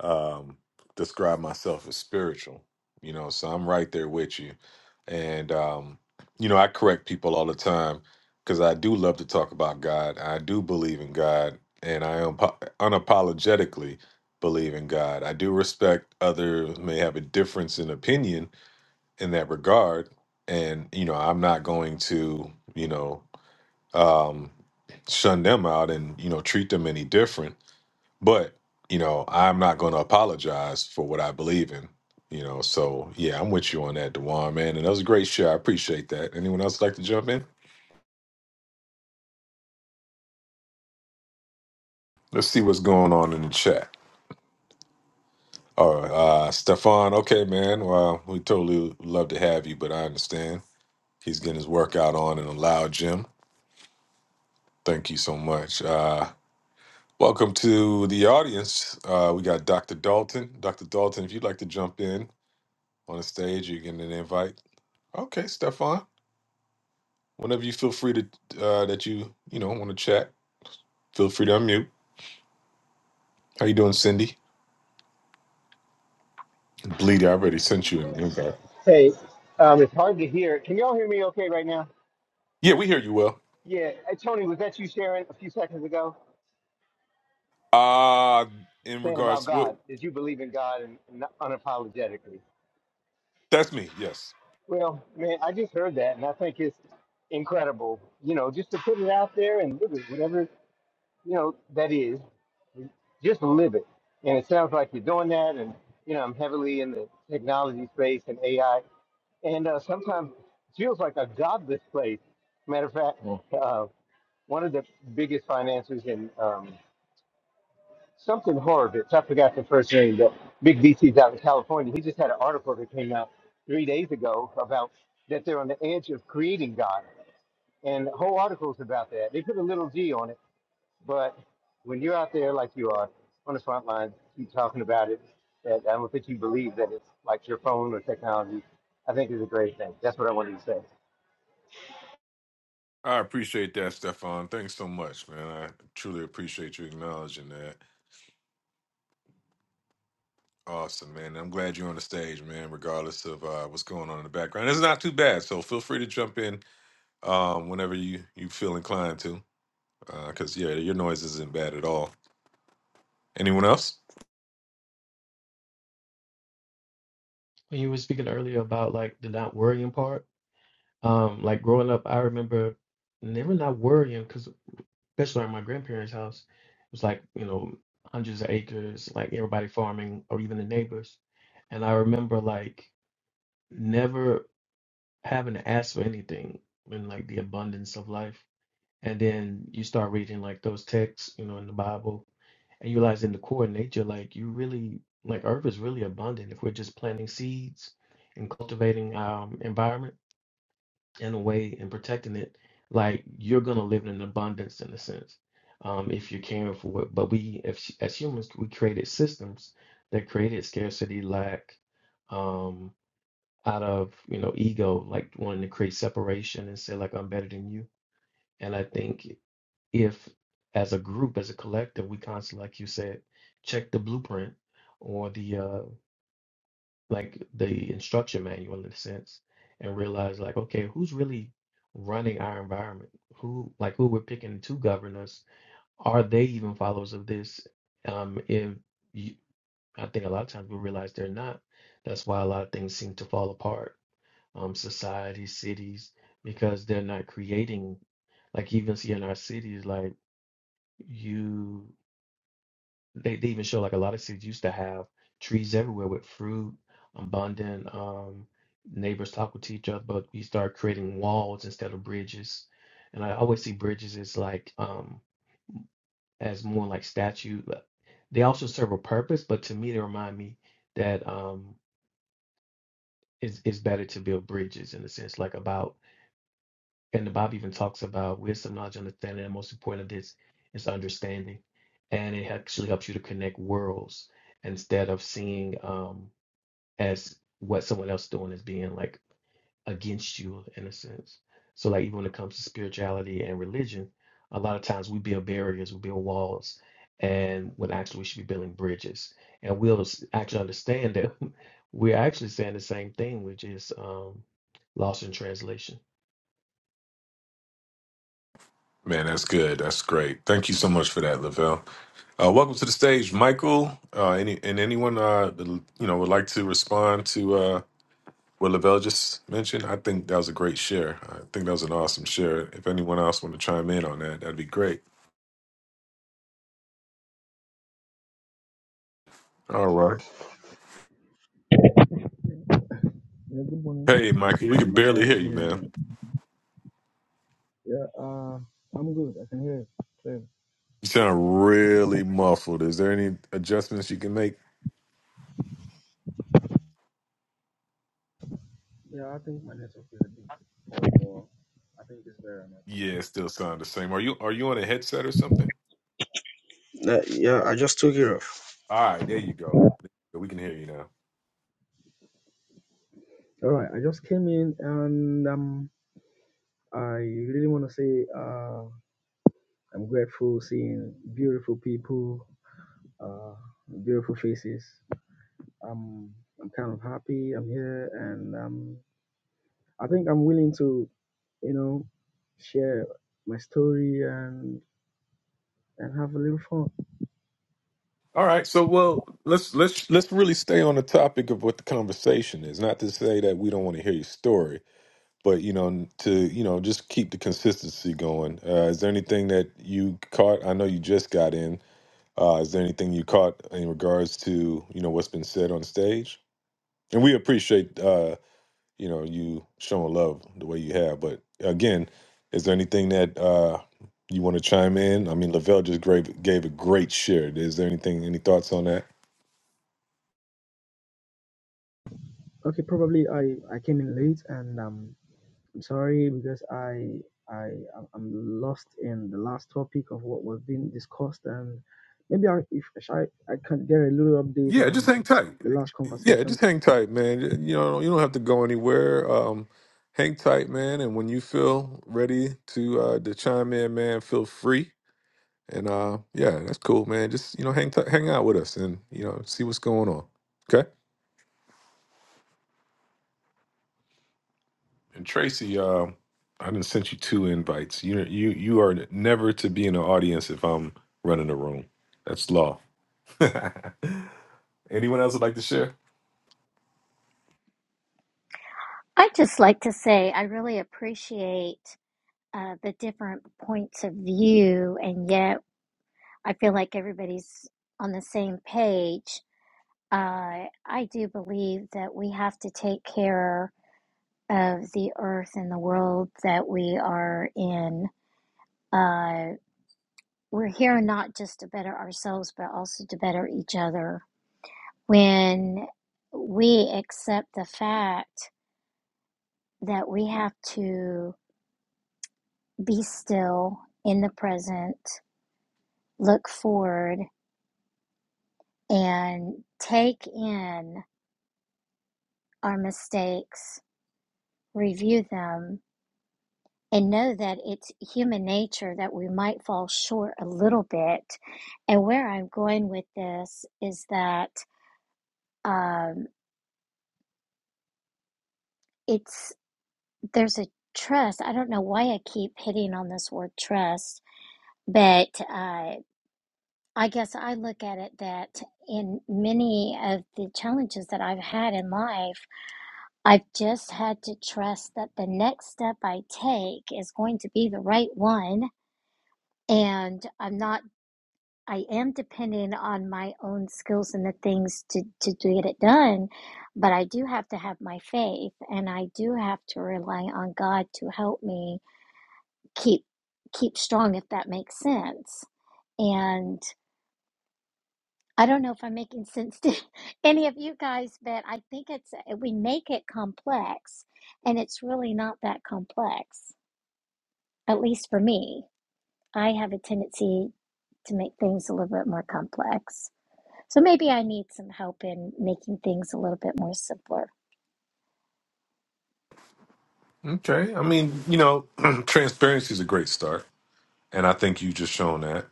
um, describe myself as spiritual. You know, so I'm right there with you. And um, you know, I correct people all the time because I do love to talk about God. I do believe in God, and I am unapologetically believe in God. I do respect others may have a difference in opinion in that regard, and you know, I'm not going to you know um, shun them out and you know treat them any different but, you know, I'm not going to apologize for what I believe in. You know, so yeah, I'm with you on that, Dewan, man. And that was a great share. I appreciate that. Anyone else like to jump in? Let's see what's going on in the chat. All right, uh, Stefan. Okay, man. Well, we totally love to have you, but I understand he's getting his workout on in a loud gym. Thank you so much. Uh, welcome to the audience. Uh, we got Dr. Dalton. Dr. Dalton, if you'd like to jump in on the stage, you're getting an invite. Okay, Stefan. Whenever you feel free to uh, that you you know want to chat, feel free to unmute. How you doing, Cindy? Bleedy, I already sent you an invite.
Hey, um, it's hard to hear. Can y'all hear me okay right now?
Yeah, we hear you well.
Yeah. Hey, Tony, was that you, Sharon, a few seconds ago,
Uh in
saying about
regards, well,
God? Did you believe in God and and unapologetically?
that's me. Yes,
Well, man, I just heard that, and I think it's incredible. You know, just to put it out there and live it, whatever you know that is, just live it. And it sounds like you're doing that. And you know, I'm heavily in the technology space and AI, and uh, sometimes it feels like a godless place. Matter of fact, Mm. uh, one of the biggest financiers in um, something Horowitz. I forgot the first name, but Big VC's out in California. He just had an article that came out three days ago about that they're on the edge of creating God, and whole article's about that. They put a little G on it, but when you're out there like you are on the front line, keep talking about it. That I don't think you believe that it's like your phone or technology. I think is a great thing. That's what I wanted to say.
I appreciate that, Stefan. Thanks so much, man. I truly appreciate you acknowledging that. Awesome, man. I'm glad you're on the stage, man. Regardless of uh, what's going on in the background, it's not too bad. So feel free to jump in um, whenever you you feel inclined to, because yeah, your noise isn't bad at all. Anyone else?
When you were speaking earlier about like the not worrying part, um, like growing up, I remember never not worrying because. Especially like my grandparents' house. It was like, you know, hundreds of acres, like everybody farming or even the neighbors. And I remember like never having to ask for anything in like the abundance of life. And then you start reading like those texts, you know, in the Bible, and you realize in the core of nature, like you really, like earth is really abundant if we're just planting seeds and cultivating our environment in a way and protecting it, like you're gonna live in an abundance in a sense, um, if you're caring for it. But we, if, as humans, we created systems that created scarcity, lack, um, out of you know ego, like wanting to create separation and say like I'm better than you. And I think if as a group, as a collective, we constantly, like you said, check the blueprint or the uh, like the instruction manual in a sense and realize like okay who's really running our environment who like who we're picking to govern us are they even followers of this um if you, i think a lot of times we realize they're not that's why a lot of things seem to fall apart um societies cities because they're not creating like even see in our cities like you they they even show like a lot of cities used to have trees everywhere with fruit, abundant. Um, neighbors talk with each other, but we start creating walls instead of bridges. And I always see bridges as like um as more like statue. but They also serve a purpose, but to me they remind me that um it's it's better to build bridges in a sense, like about And the Bible even talks about wisdom, knowledge, understanding, and most important of this is understanding. And it actually helps you to connect worlds instead of seeing um as what someone else doing as being like against you in a sense. So like even when it comes to spirituality and religion, a lot of times we build barriers, we build walls, and when actually we should be building bridges. And we'll s- actually understand that *laughs* we're actually saying the same thing, which is um lost in translation
Man, that's good. That's great. Thank you so much for that, Lavelle. Uh, welcome to the stage, Michael. Uh, any and anyone uh, that, you know would like to respond to uh, what Lavelle just mentioned. I think that was a great share. I think that was an awesome share. If anyone else want to chime in on that, that'd be great. All right.
Yeah, good morning.
Hey, Michael, we can
From my
barely hear
side
you,
here,
man.
and Yeah, uh, I'm good. I can hear you. Clearly.
You sound really muffled. Is there any adjustments you can make?
yeah, I think my network is a bit poor. I think it's better now.
Yeah, it still sound the same. Are you are you on a headset or something?
Uh, yeah, I just took it off.
All right, there you go. We can hear you
All right, I just came in and um, I really want to say uh, I'm grateful seeing beautiful people, uh, beautiful faces. Um, I'm kind of happy I'm here, and um, I think I'm willing to, you know, share my story and. and have a little fun.
All right, so well, let's let's let's really stay on the topic of what the conversation is. Not to say that we don't want to hear your story, but you know, to you know, just keep the consistency going. Uh, is there anything that you caught? I know you just got in. Uh, is there anything you caught in regards to you know what's been said on stage? And we appreciate uh, you know you showing love the way you have. But again, is there anything that uh, you want to chime in? I mean, Lavelle just gave gave a great share. Is there anything? Any thoughts on that?
Okay, probably I I came in late and um I'm sorry because I I I'm I'm lost in the last topic of what was being discussed and maybe I if I I can get a little update
Yeah, just
on
hang tight.
the last
Yeah,
conversation
just hang tight, man. You know, you don't have to go anywhere. Um, hang tight, man. And when you feel ready to uh to chime in, man, feel free. And uh, yeah, that's cool, man. Just you know, hang tight, hang out with us, and you know, see what's going on. Okay. And Tracy, um, I didn't sent you two invites. You you you are never to be in the audience if I'm running the room. That's law. *laughs* Anyone else would like to share?
I just like to say I really appreciate uh, the different points of view, and yet I feel like everybody's on the same page. Uh, I do believe that we have to take care of the earth and the world that we are in. Uh, we're here not just to better ourselves, but also to better each other. When we accept the fact that we have to be still in the present, look forward, and take in our mistakes, review them, and know that it's human nature that we might fall short a little bit. And where I'm going with this is that um, it's there's a trust. I don't know why I keep hitting on this word trust, but uh, I guess I look at it that in many of the challenges that I've had in life, I've just had to trust that the next step I take is going to be the right one. And I'm not, I am depending on my own skills and the things to, to, to get it done. But I do have to have my faith and I do have to rely on God to help me keep keep strong if that makes sense and i don't know if i'm making sense to *laughs* any of you guys but i think it's uh, we make it complex and it's really not that complex at least for me i have a tendency to make things a little bit more complex so maybe i need some help in making things a little bit more simpler
Okay. I mean, you know, *clears throat* transparency is a great start and I think you just shown that,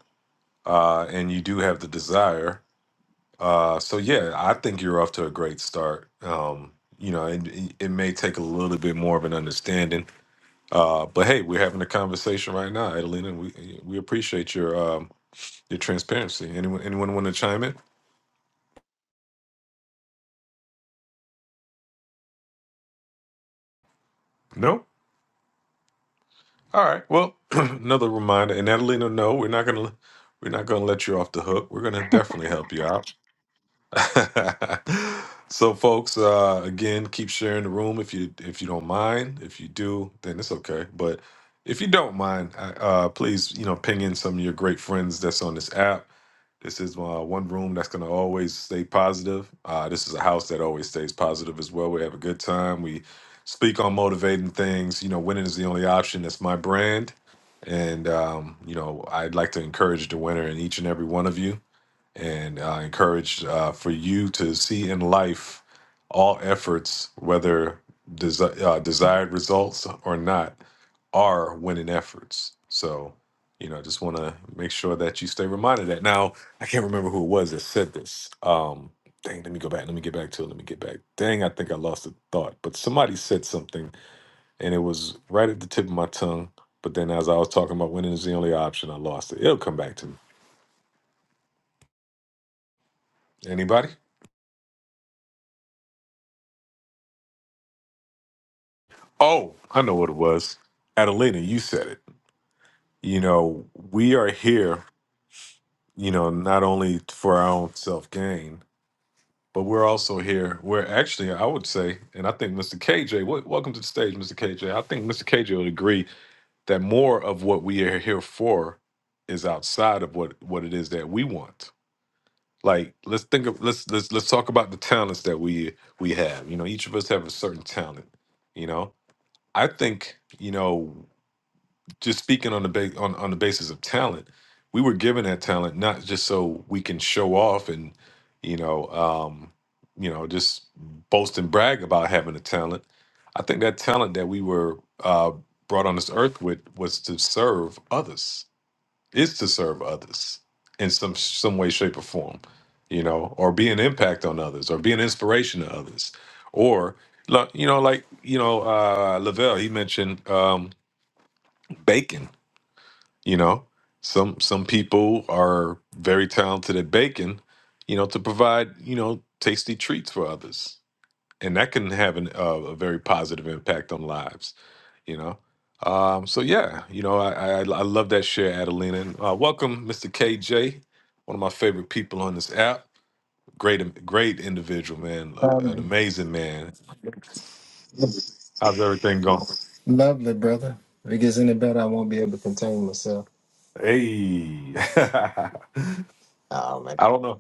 uh, and you do have the desire. Uh, so yeah, I think you're off to a great start. Um, you know, and it, it may take a little bit more of an understanding, uh, but hey, we're having a conversation right now, Adelina, and we we appreciate your um, your transparency. Anyone anyone want to chime in? No. All right. Well, *clears throat* another reminder, and Adelina, no, we're not gonna we're not gonna let you off the hook. We're gonna definitely help you out. *laughs* so folks uh again keep sharing the room if you if you don't mind if you do then it's okay but if you don't mind I- uh please you know ping in some of your great friends that's on this app this is uh, one room that's going to always stay positive uh this is a house that always stays positive as well we have a good time we speak on motivating things you know winning is the only option that's my brand and um you know i'd like to encourage the winner in each and every one of you and uh, encouraged uh, for you to see in life all efforts, whether desi- uh, desired results or not, are winning efforts. So, you know, I just want to make sure that you stay reminded of that. Now, I can't remember who it was that said this. Um, dang, let me go back. Let me get back to it. Let me get back. Dang, I think I lost the thought, but somebody said something and it was right at the tip of my tongue. But then as I was talking about winning is the only option, I lost it. It'll come back to me. Anybody? Oh, I know what it was. Adelina, you said it. You know, we are here, you know, not only for our own self gain, but we're also here. We're actually, I would say, and I think Mr. KJ, wel- welcome to the stage, Mr. KJ. I think Mr. KJ would agree that more of what we are here for is outside of what what it is that we want. Like, let's think of let's let's let's talk about the talents that we we have. You know, each of us have a certain talent. You know, I think you know. just speaking on the ba- on, on the basis of talent, we were given that talent not just so we can show off and you know um, you know just boast and brag about having a talent. I think that talent that we were uh, brought on this earth with was to serve others, is to serve others in some some way, shape, or form, you know, or be an impact on others, or be an inspiration to others, or like, you know, like you know, uh, Lavelle he mentioned um, bacon you know some some people are very talented at baking you know to provide you know tasty treats for others and that can have an, uh, a very positive impact on lives you know um so yeah you know i i, I love that share adelina and uh, welcome mr kj one of my favorite people on this app great um, great individual man an
Um,
amazing man how's everything going
lovely, brother. If it gets any better, I won't be able to contain myself.
hey *laughs* i
Oh man.
don't know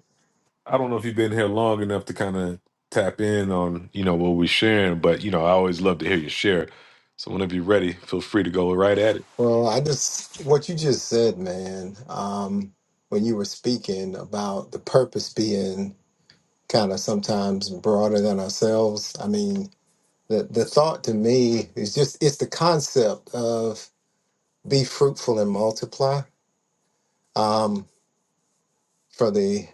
I don't know if you've been here long enough to kind of tap in on, you know, what we're sharing, but you know, I always love to hear you share. So whenever you're ready, feel free to go right at it.
Well, I just what you just said, man. Um, when you were speaking about the purpose being kind of sometimes broader than ourselves. I mean, the the thought to me is just it's the concept of be fruitful and multiply. Um, for the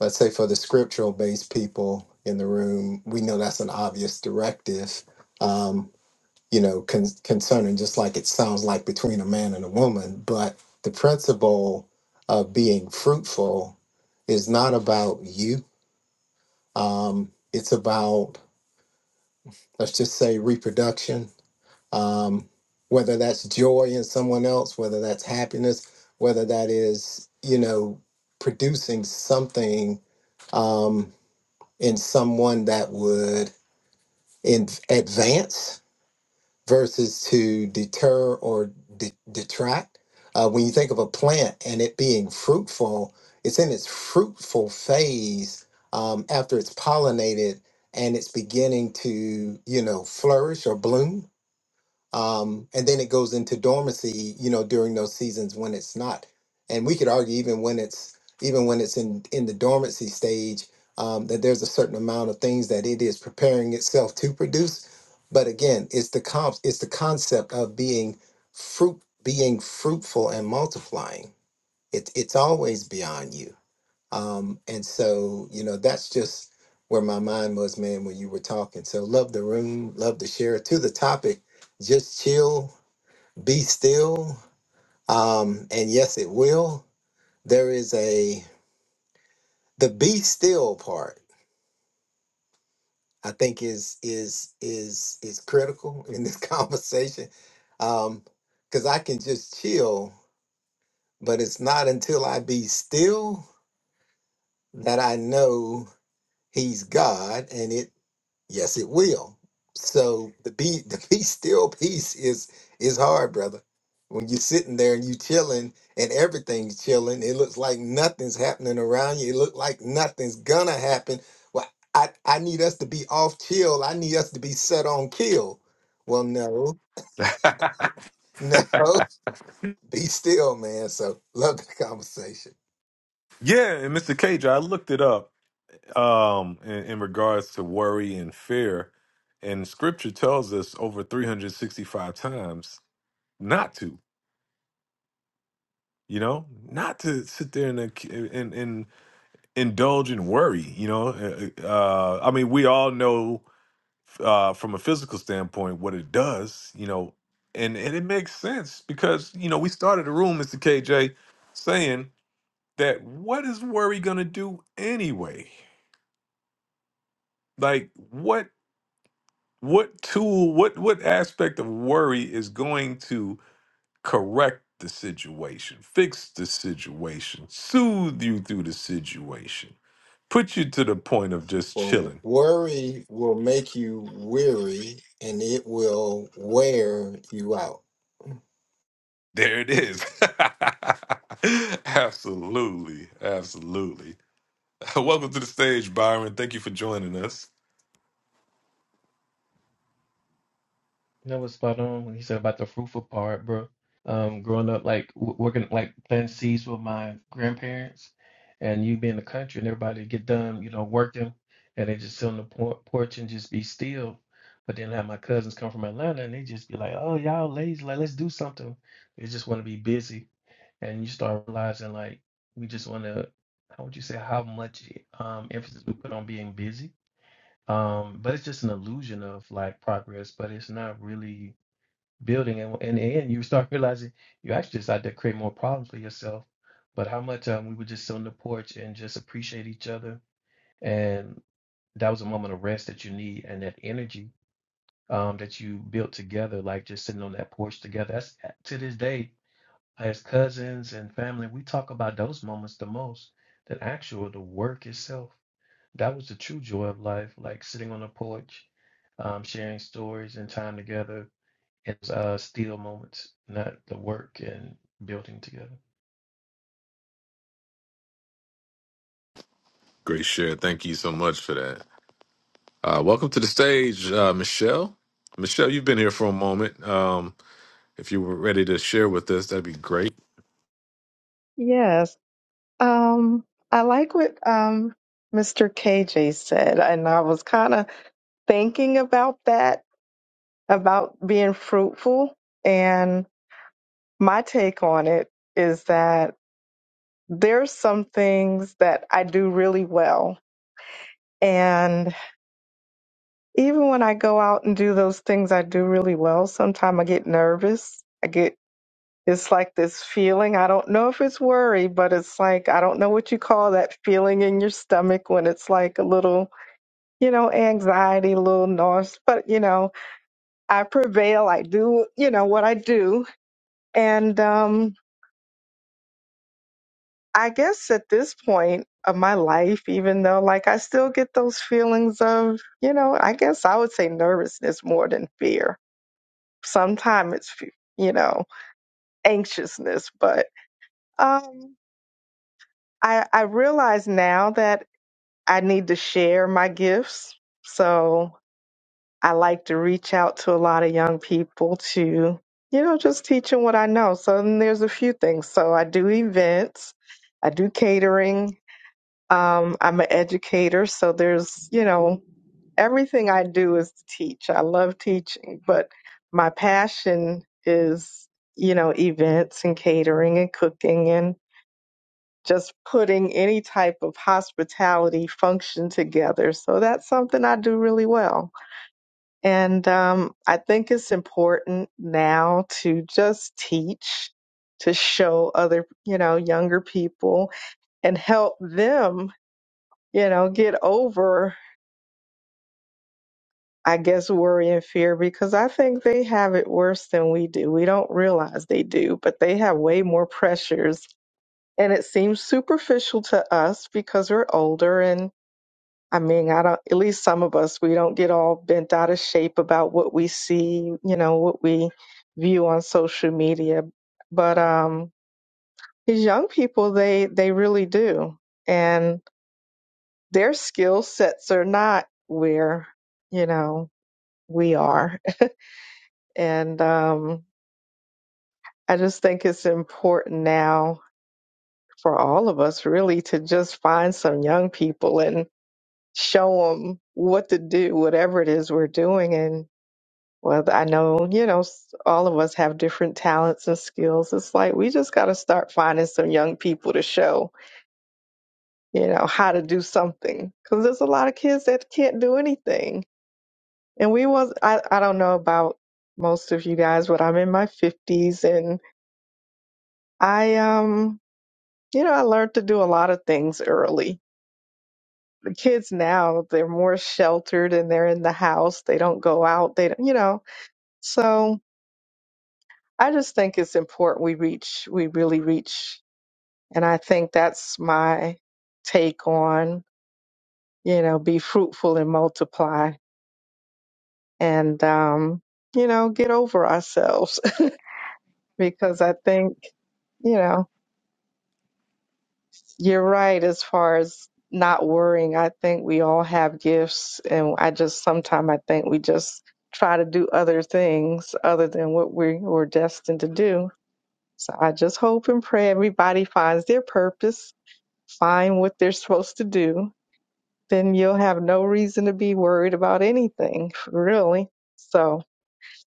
let's say for the scriptural based people in the room, we know that's an obvious directive. Um, you know, con- concerning just like it sounds like between a man and a woman, but the principle of being fruitful is not about you. Um, it's about, let's just say, reproduction, um, whether that's joy in someone else, whether that's happiness, whether that is, you know, producing something um, in someone that would in- advance versus to deter or de- detract. Uh, when you think of a plant and it being fruitful, it's in its fruitful phase um, after it's pollinated and it's beginning to, you know, flourish or bloom um, and then it goes into dormancy you know during those seasons when it's not and we could argue even when it's even when it's in in the dormancy stage um, that there's a certain amount of things that it is preparing itself to produce but again it's the comp it's the concept of being fruit being fruitful and multiplying it, it's always beyond you um, and so, you know, that's just where my mind was, man, when you were talking. So love the room, love to share to the topic. Just chill, be still. Um, and yes, it will. There is a the be still part, I think is is is is critical in this *laughs* conversation. Um, because I can just chill, but it's not until I be still that I know he's God and it Yes, it will. So the be *laughs* the be still peace is is hard, brother. When you're sitting there and you chilling and everything's chilling, it looks like nothing's happening around you. It looks like nothing's gonna happen. Well, I I need us to be off chill. I need us to be set on kill. Well, no, no, *laughs* be still, man. So love the conversation.
Yeah, and Mr. Cage, I looked it up um in, in regards to worry and fear. And scripture tells us over 365 times not to, you know, not to sit there and and, and indulge in worry, you know. Uh, uh, uh, I mean, we all know uh, from a physical standpoint, what it does, you know, and and it makes sense because you know we started the room, Mr. KJ, saying that what is worry gonna do anyway? Like what what tool, what what aspect of worry is going to correct the situation, fix the situation, soothe you through the situation, put you to the point of just
Well,
chilling?
worry will make you weary, and it will wear you out.
There it is. *laughs* absolutely, absolutely. *laughs* Welcome to the stage, Byron. Thank you for joining us.
That was spot on when he said about the fruitful part, bro. Um, growing up, like w working, like planting seeds with my grandparents, and you be in the country and everybody get done, you know, working, and they just sit on the por porch and just be still. But then I have my cousins come from Atlanta and they just be like, "Oh, y'all lazy, like let's do something." They just want to be busy, and you start realizing like we just want to, how would you say, how much um emphasis we put on being busy. Um, but it's just an illusion of like progress, but it's not really building and in the end you start realizing you actually just out there creating more problems for yourself but how much um, we would just sit on the porch and just appreciate each other and that was a moment of rest that you need and that energy um, that you built together like just sitting on that porch together that's uh, to this day as cousins and family we talk about those moments the most than actual the work itself that was the true joy of life like sitting on the porch um, sharing stories and time together it's uh, still moments, not the work and building together.
Great share. Thank you so much for that. Uh, welcome to the stage, uh, Michelle. Michelle, you've been here for a moment. Um, if you were ready to share with us, that'd be great.
Yes. Um, I like what um, Mr. KJ said, and I was kind of thinking about that, about being fruitful. And my take on it is that there's some things that I do really well. And even when I go out and do those things I do really well, sometimes I get nervous. I get. it's like this feeling. I don't know if it's worry, but it's like, I don't know what you call that feeling in your stomach when it's like a little, you know, anxiety, a little nausea. But, you know, I prevail. I do, you know, what I do. And um, I guess at this point of my life, even though like I still get those feelings of, you know, I guess I would say nervousness more than fear. Sometimes it's, you know, anxiousness, but um, I, I realize now that I need to share my gifts. So I like to reach out to a lot of young people to, you know, just teach them what I know. So then there's a few things. So I do events, I do catering. Um, I'm an educator. So there's, you know, everything I do is to teach. I love teaching, but my passion is, you know, events and catering and cooking and just putting any type of hospitality function together. So that's something I do really well. And um, I think it's important now to just teach, to show other, you know, younger people and help them, you know, get over, I guess, worry and fear because I think they have it worse than we do. We don't realize they do, but they have way more pressures. And it seems superficial to us because we're older and I mean, I don't, at least some of us, we don't get all bent out of shape about what we see, you know, what we view on social media. But um, these young people, they, they really do. And their skill sets are not where, you know, we are. *laughs* And um, I just think it's important now for all of us really to just find some young people and show them what to do, whatever it is we're doing Well, I know, you know, s- all of us have different talents and skills. It's like we just got to start finding some young people to show, you know, how to do something. Because there's a lot of kids that can't do anything. And we was, I, I don't know about most of you guys, but I'm in my 50s and I, um, you know, I learned to do a lot of things early. The kids now, they're more sheltered and they're in the house. They don't go out. They don't, you know, so I just think it's important we reach, we really reach And I think that's my take on, you know, be fruitful and multiply and, um, you know, get over ourselves *laughs* because I think, you know, you're right as far as not worrying. I think we all have gifts and I just sometimes I think we just try to do other things other than what we were destined to do. So I just hope and pray everybody finds their purpose, find what they're supposed to do then you'll have no reason to be worried about anything, really. So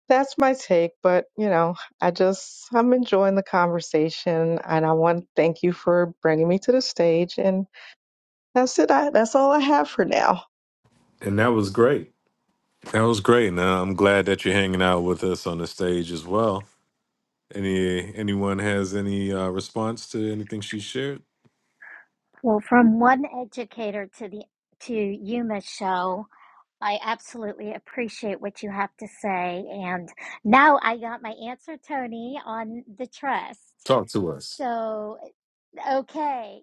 that's my take. But, you know, I just, I'm enjoying the conversation and I want to thank you for bringing me to the stage. And that's it. I, that's all I have for now.
And that was great. That was great. And uh, I'm glad that you're hanging out with us on the stage as well. Any anyone has any uh, response to anything she shared?
well from one educator to the to you michelle I absolutely appreciate what you have to say. And now I got my answer, Tony, on the trust.
Talk to us.
So, okay.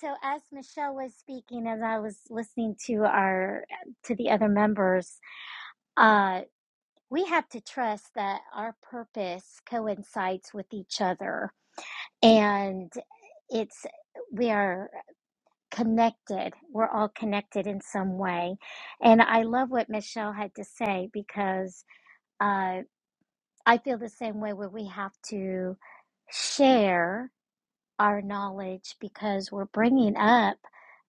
So as Michelle was speaking, as I was listening to our to the other members, uh, we have to trust that our purpose coincides with each other, and it's we are connected. We're all connected in some way, and I love what Michelle had to say because uh, I feel the same way where we have to share our knowledge because we're bringing up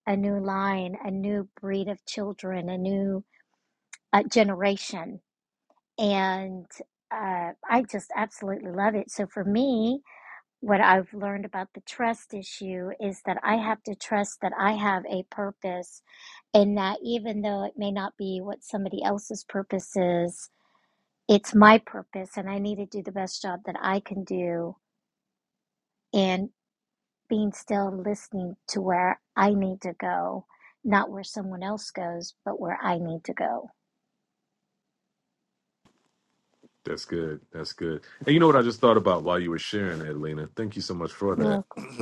a new line, a new breed of children, a new uh, generation. And uh, I just absolutely love it. So for me, what I've learned about the trust issue is that I have to trust that I have a purpose and that even though it may not be what somebody else's purpose is, it's my purpose and I need to do the best job that I can do and being still listening to where I need to go, not where someone else goes, but where I need to go.
That's good. That's good. And you know what I just thought about while you were sharing, that, Lena. Thank you so much for
You're welcome.
that. *clears throat*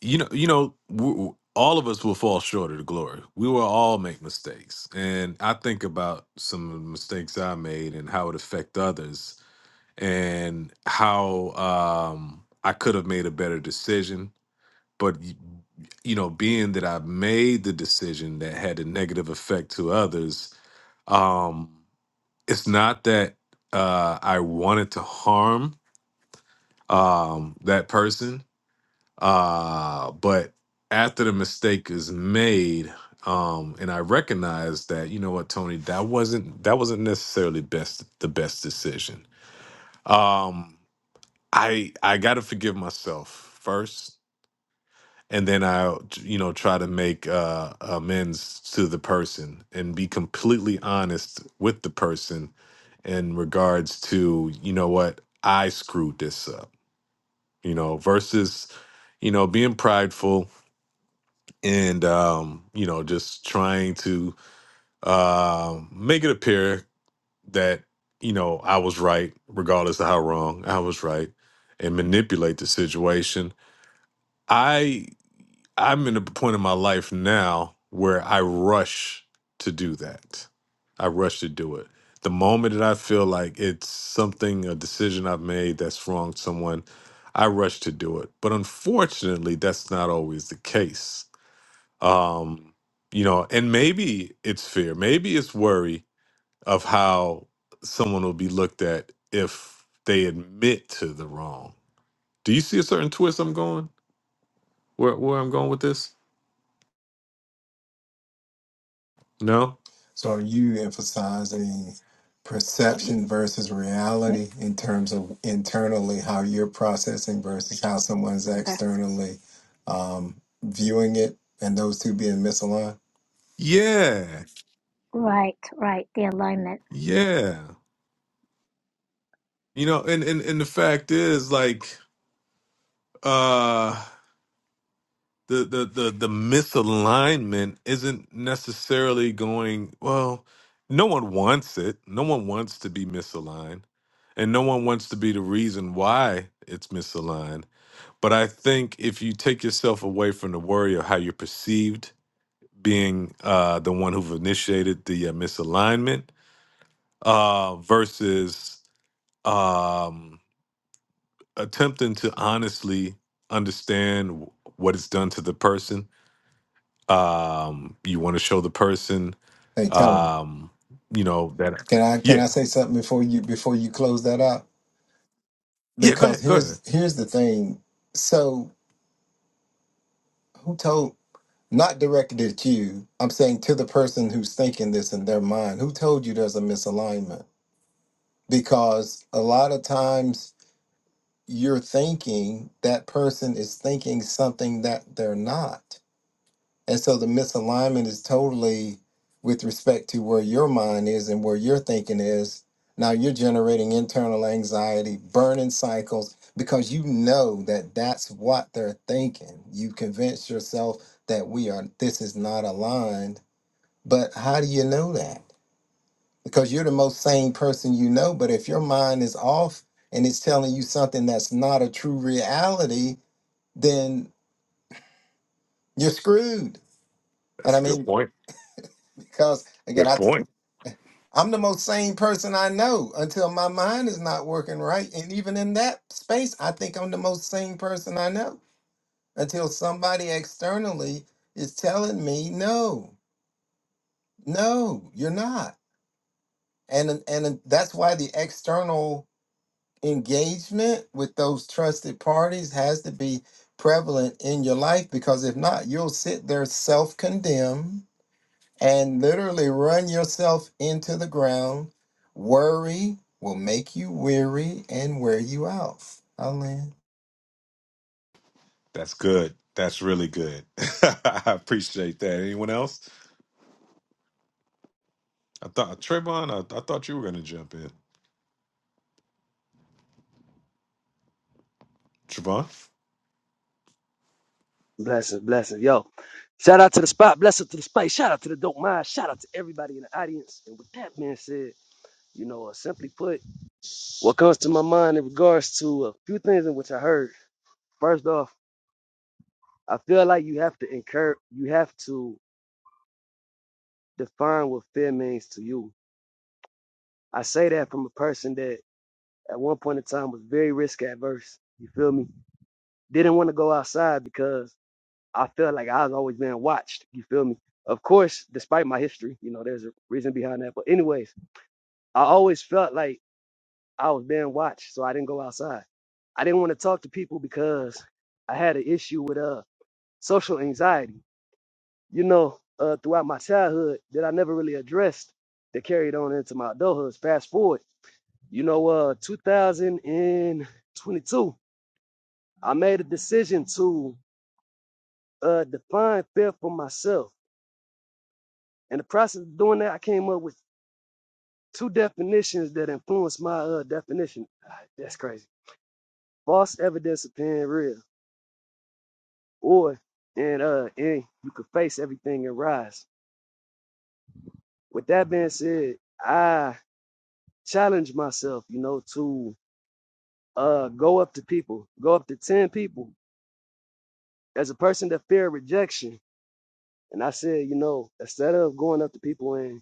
you know, you know, w all of us will fall short of the glory. We will all make mistakes, and I think about some of the mistakes I made and how it affect others, and how um, I could have made a better decision. But y- you know, being that I made the decision that had a negative effect to others, um, it's not that uh, I wanted to harm um, that person uh, but after the mistake is made, um, and I recognize that, you know what, Tony, that wasn't that wasn't necessarily best the best decision. Um, I I gotta forgive myself first, and then I you know try to make uh, amends to the person and be completely honest with the person in regards to you know what I screwed this up, you know, versus you know being prideful and um, you know, just trying to um make it appear that you know I was right, regardless of how wrong I was right, and manipulate the situation. I I'm in a point in my life now where I rush to do that. I rush to do it. The moment that I feel like it's something, a decision I've made that's wronged someone, I rush to do it. But unfortunately, that's not always the case um you know and maybe it's fear maybe it's worry of how someone will be looked at if they admit to the wrong do you see a certain twist i'm going where where i'm going with this no
So are you emphasizing perception
Yes.
versus reality in terms of internally how you're processing versus how someone's
Yeah,
externally um, viewing it, and those two being misaligned?
yeah
Right, right. The alignment.
yeah you know and and, and the fact is like uh the the the the misalignment isn't necessarily going well no one wants it no one wants to be misaligned and no one wants to be the reason why it's misaligned but i think if you take yourself away from the worry of how you're perceived being uh the one who've initiated the uh, misalignment uh versus um attempting to honestly understand what it's done to the person um you want to show the person
Hey, tell me,
um you know that
can I can
yeah
I say something before you before you close that out?
yeah go
Because
ahead go ahead
here's here's the thing. So who told? Not directed at you. I'm saying to the person who's thinking this in their mind. Who told you there's a misalignment? Because a lot of times you're thinking that person is thinking something that they're not. And so the misalignment is totally with respect to where your mind is and where your thinking is. Now you're generating internal anxiety, burning cycles, because you know that that's what they're thinking. You convince yourself that we are, this is not aligned. But how do you know that? because you're the most sane person you know. But if your mind is off and it's telling you something that's not a true reality, then you're screwed. And
that's
I
a good
mean,
point
because again,
good
I
point
I'm the most sane person I know until my mind is not working right. And even in that space, I think I'm the most sane person I know until somebody externally is telling me, no, no, you're not. And and that's why the external engagement with those trusted parties has to be prevalent in your life because if not, you'll sit there self condemn and literally run yourself into the ground. Worry will make you weary and wear you out. Eileen.
that's good that's really good *laughs* i appreciate that anyone else i thought trayvon i, I thought you were going to jump in trayvon
Blessings, blessings. Yo, shout out to the spot. Blessings to the space. Shout out to the dope mind. Shout out to everybody in the audience. And with that being said, you know, uh, simply put, what comes to my mind in regards to a few things in which I heard. First off, I feel like you have to incur, you have to define what fear means to you. I say that from a person that at one point in time was very risk adverse. You feel me? Didn't want to go outside because I felt like I was always being watched. You feel me? Of course, despite my history, you know, there's a reason behind that. But anyways, I always felt like I was being watched, so I didn't go outside. I didn't want to talk to people because I had an issue with uh social anxiety. You know, uh, throughout my childhood that I never really addressed that carried on into my adulthood. Fast forward, you know, uh, 2022, I made a decision to uh define fear for myself. In the process of doing that, I came up with two definitions that influence my uh, definition. Ah, That's crazy. False evidence appearing real, or and uh, and you could face everything and rise. With that being said, I challenge myself, you know, to uh go up to people, go up to ten people as a person that fear rejection. And I said, you know, instead of going up to people and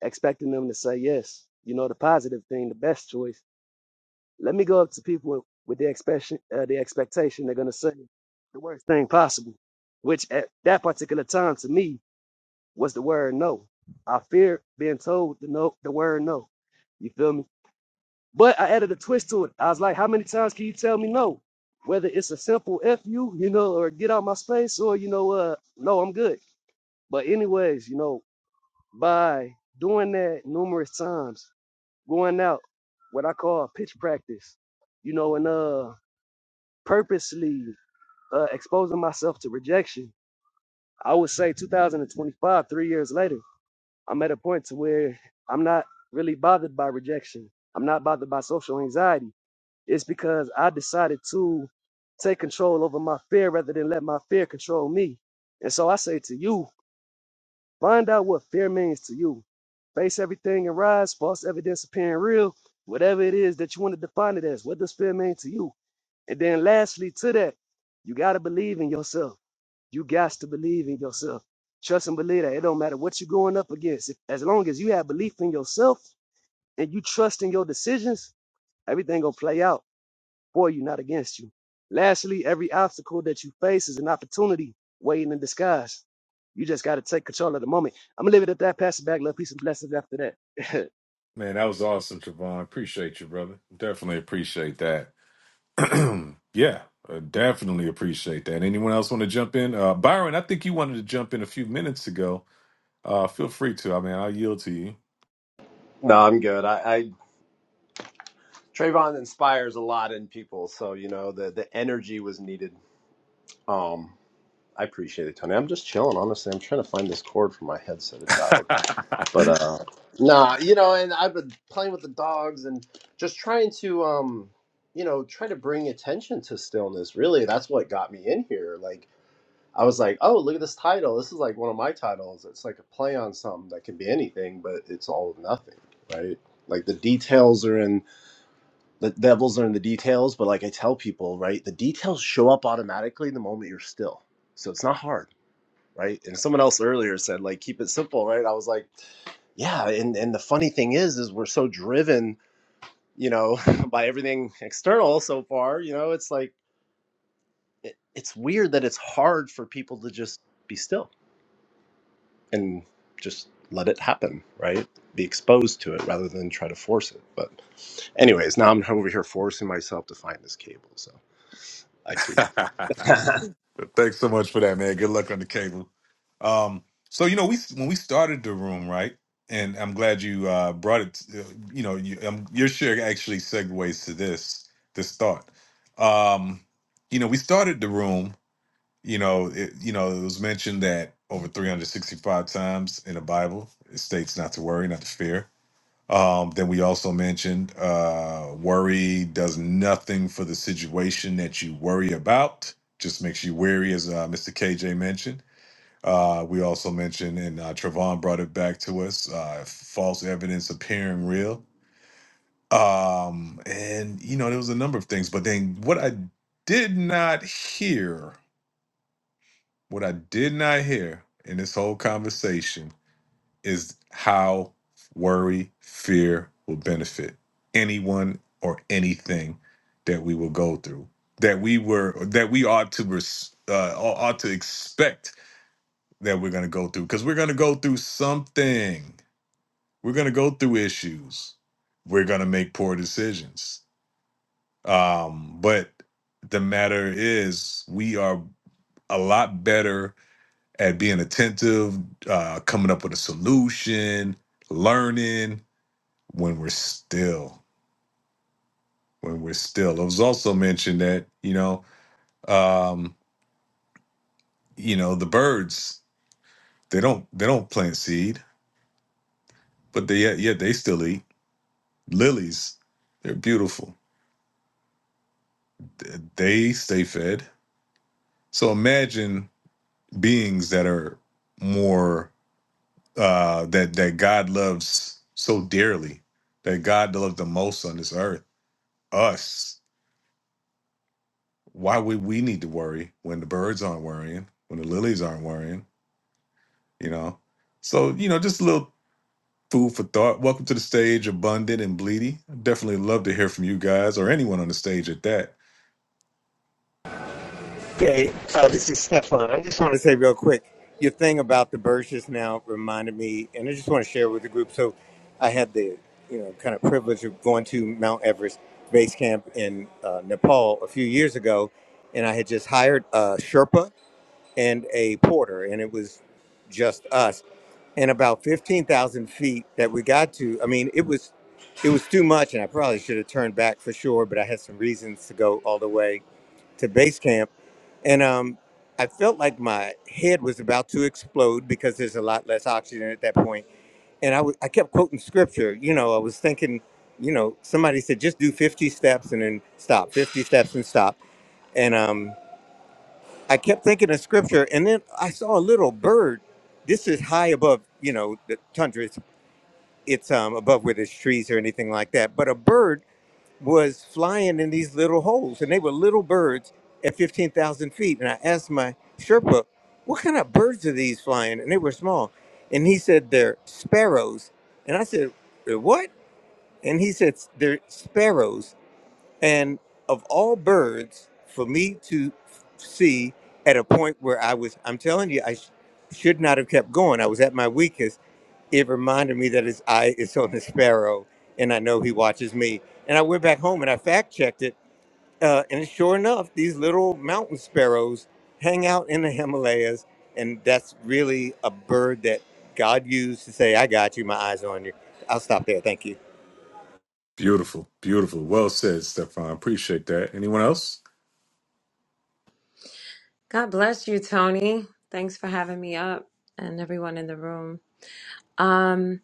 expecting them to say yes, you know, the positive thing, the best choice. Let me go up to people with the expectation, uh, the expectation they're going to say the worst thing possible, which at that particular time to me was the word no. I fear being told the no, the word no. You feel me? But I added a twist to it. I was like, how many times can you tell me no? Whether it's a simple F you, you know, or get out my space, or you know, uh, no, I'm good. But anyways, you know, by doing that numerous times, going out, what I call pitch practice, you know, and uh purposely uh, exposing myself to rejection, I would say 2025, three years later, I'm at a point to where I'm not really bothered by rejection. I'm not bothered by social anxiety. It's because I decided to take control over my fear rather than let my fear control me. And so I say to you, find out what fear means to you. Face everything and rise, false evidence appearing real, whatever it is that you want to define it as. What does fear mean to you? And then lastly to that, you got to believe in yourself You got to believe in yourself. Trust and believe that. It don't matter what you're going up against. If, as long as you have belief in yourself and you trust in your decisions, everything gonna play out for you, not against you. Lastly, every obstacle that you face is an opportunity waiting in disguise. You just got to take control of the moment. I'm gonna leave it at that. Pass it back. Love, peace, and blessings after that.
man that was awesome trayvon appreciate you brother definitely appreciate that yeah uh, definitely appreciate that anyone else want to jump in uh byron i think you wanted to jump in a few minutes ago uh feel free to i mean i'll yield to you
No, I'm good. I, I Trayvon inspires a lot in people, so you know the the energy was needed. Um, I appreciate it, Tony. I'm just chilling, honestly. I'm trying to find this cord for my headset. It died, but uh, nah, you know. And I've been playing with the dogs and just trying to um, you know, try to bring attention to stillness. Really, that's what got me in here. Like I was like, oh, look at this title. This is like one of my titles. It's like a play on something that can be anything, but it's all nothing, right? Like the details are in the devils are in the details but like i tell people right the details show up automatically the moment you're still so it's not hard right and someone else earlier said like keep it simple right i was like yeah and and the funny thing is is we're so driven you know *laughs* by everything external so far you know it's like it, it's weird that it's hard for people to just be still and just let it happen right be exposed to it rather than try to force it but anyways now i'm over here forcing myself to find this cable so i preach.
*laughs*
*laughs* I
Thanks so much for that, man. Good luck on the cable. Um, so you know, we when we started the room, right? And I'm glad you uh, brought it. uh, You know, you, um, your share actually segues to this this thought. Um, you know, we started the room. You know, it, you know, it was mentioned that over 365 times in the Bible it states not to worry, not to fear. Um, then we also mentioned uh, worry does nothing for the situation that you worry about. Just makes you weary, as uh, Mr. KJ mentioned. Uh, we also mentioned, and uh, Travon brought it back to us: uh, false evidence appearing real. Um, and you know, there was a number of things. But then, what I did not hear, what I did not hear in this whole conversation is how worry, fear will benefit anyone or anything that we will go through. That we were, that we ought to res, uh, ought to expect that we're going to go through, because we're going to go through something. We're going to go through issues. We're going to make poor decisions. Um, but the matter is, we are a lot better at being attentive, uh, coming up with a solution, learning, when we're still when we're still it was also mentioned that you know um you know the birds they don't they don't plant seed but they yet, yet they still eat lilies they're beautiful Th- they stay fed so imagine beings that are more uh that that god loves so dearly that god loves the most on this earth us why would we need to worry when the birds aren't worrying when the lilies aren't worrying you know. So, you know, just a little food for thought. Welcome to the stage, Abundant and Bleedy. Definitely love to hear from you guys or anyone on the stage at that.
I want to say quick about the now. and I just want to share with the group. So, I had the you know kind of privilege of going to Mount Everest base camp in uh, Nepal a few years ago, and I had just hired a Sherpa and a porter, and it was just us. And about fifteen thousand feet that we got to, I mean, it was it was too much, and I probably should have turned back for sure, but I had some reasons to go all the way to base camp, and um. I felt like my head was about to explode because there's a lot less oxygen at that point and I w- I kept quoting scripture. You know, I was thinking, you know, somebody said just do 50 steps and then stop, 50 steps and stop. And um, I kept thinking of scripture, and then I saw a little bird. This is high above, you know, the tundra. It's, it's um, above where there's trees or anything like that. But a bird was flying in these little holes, and they were little birds at 15,000 feet. And I asked my Sherpa, what kind of birds are these flying? And they were small. And he said, they're sparrows. And I said, "Uh, what? and he said they're sparrows and of all birds for me to see at a point where i was i'm telling you i sh- should not have kept going i was at my weakest it reminded me that his eye is on the sparrow and i know he watches me and i went back home and i fact checked it uh, and sure enough these little mountain sparrows hang out in the himalayas and that's really a bird that god used to say i got you my eyes on you i'll stop there thank you
Beautiful, beautiful. Well said, Stefan. Appreciate that. Anyone else?
God bless you, Tony. Thanks for having me up and everyone in the room. Um,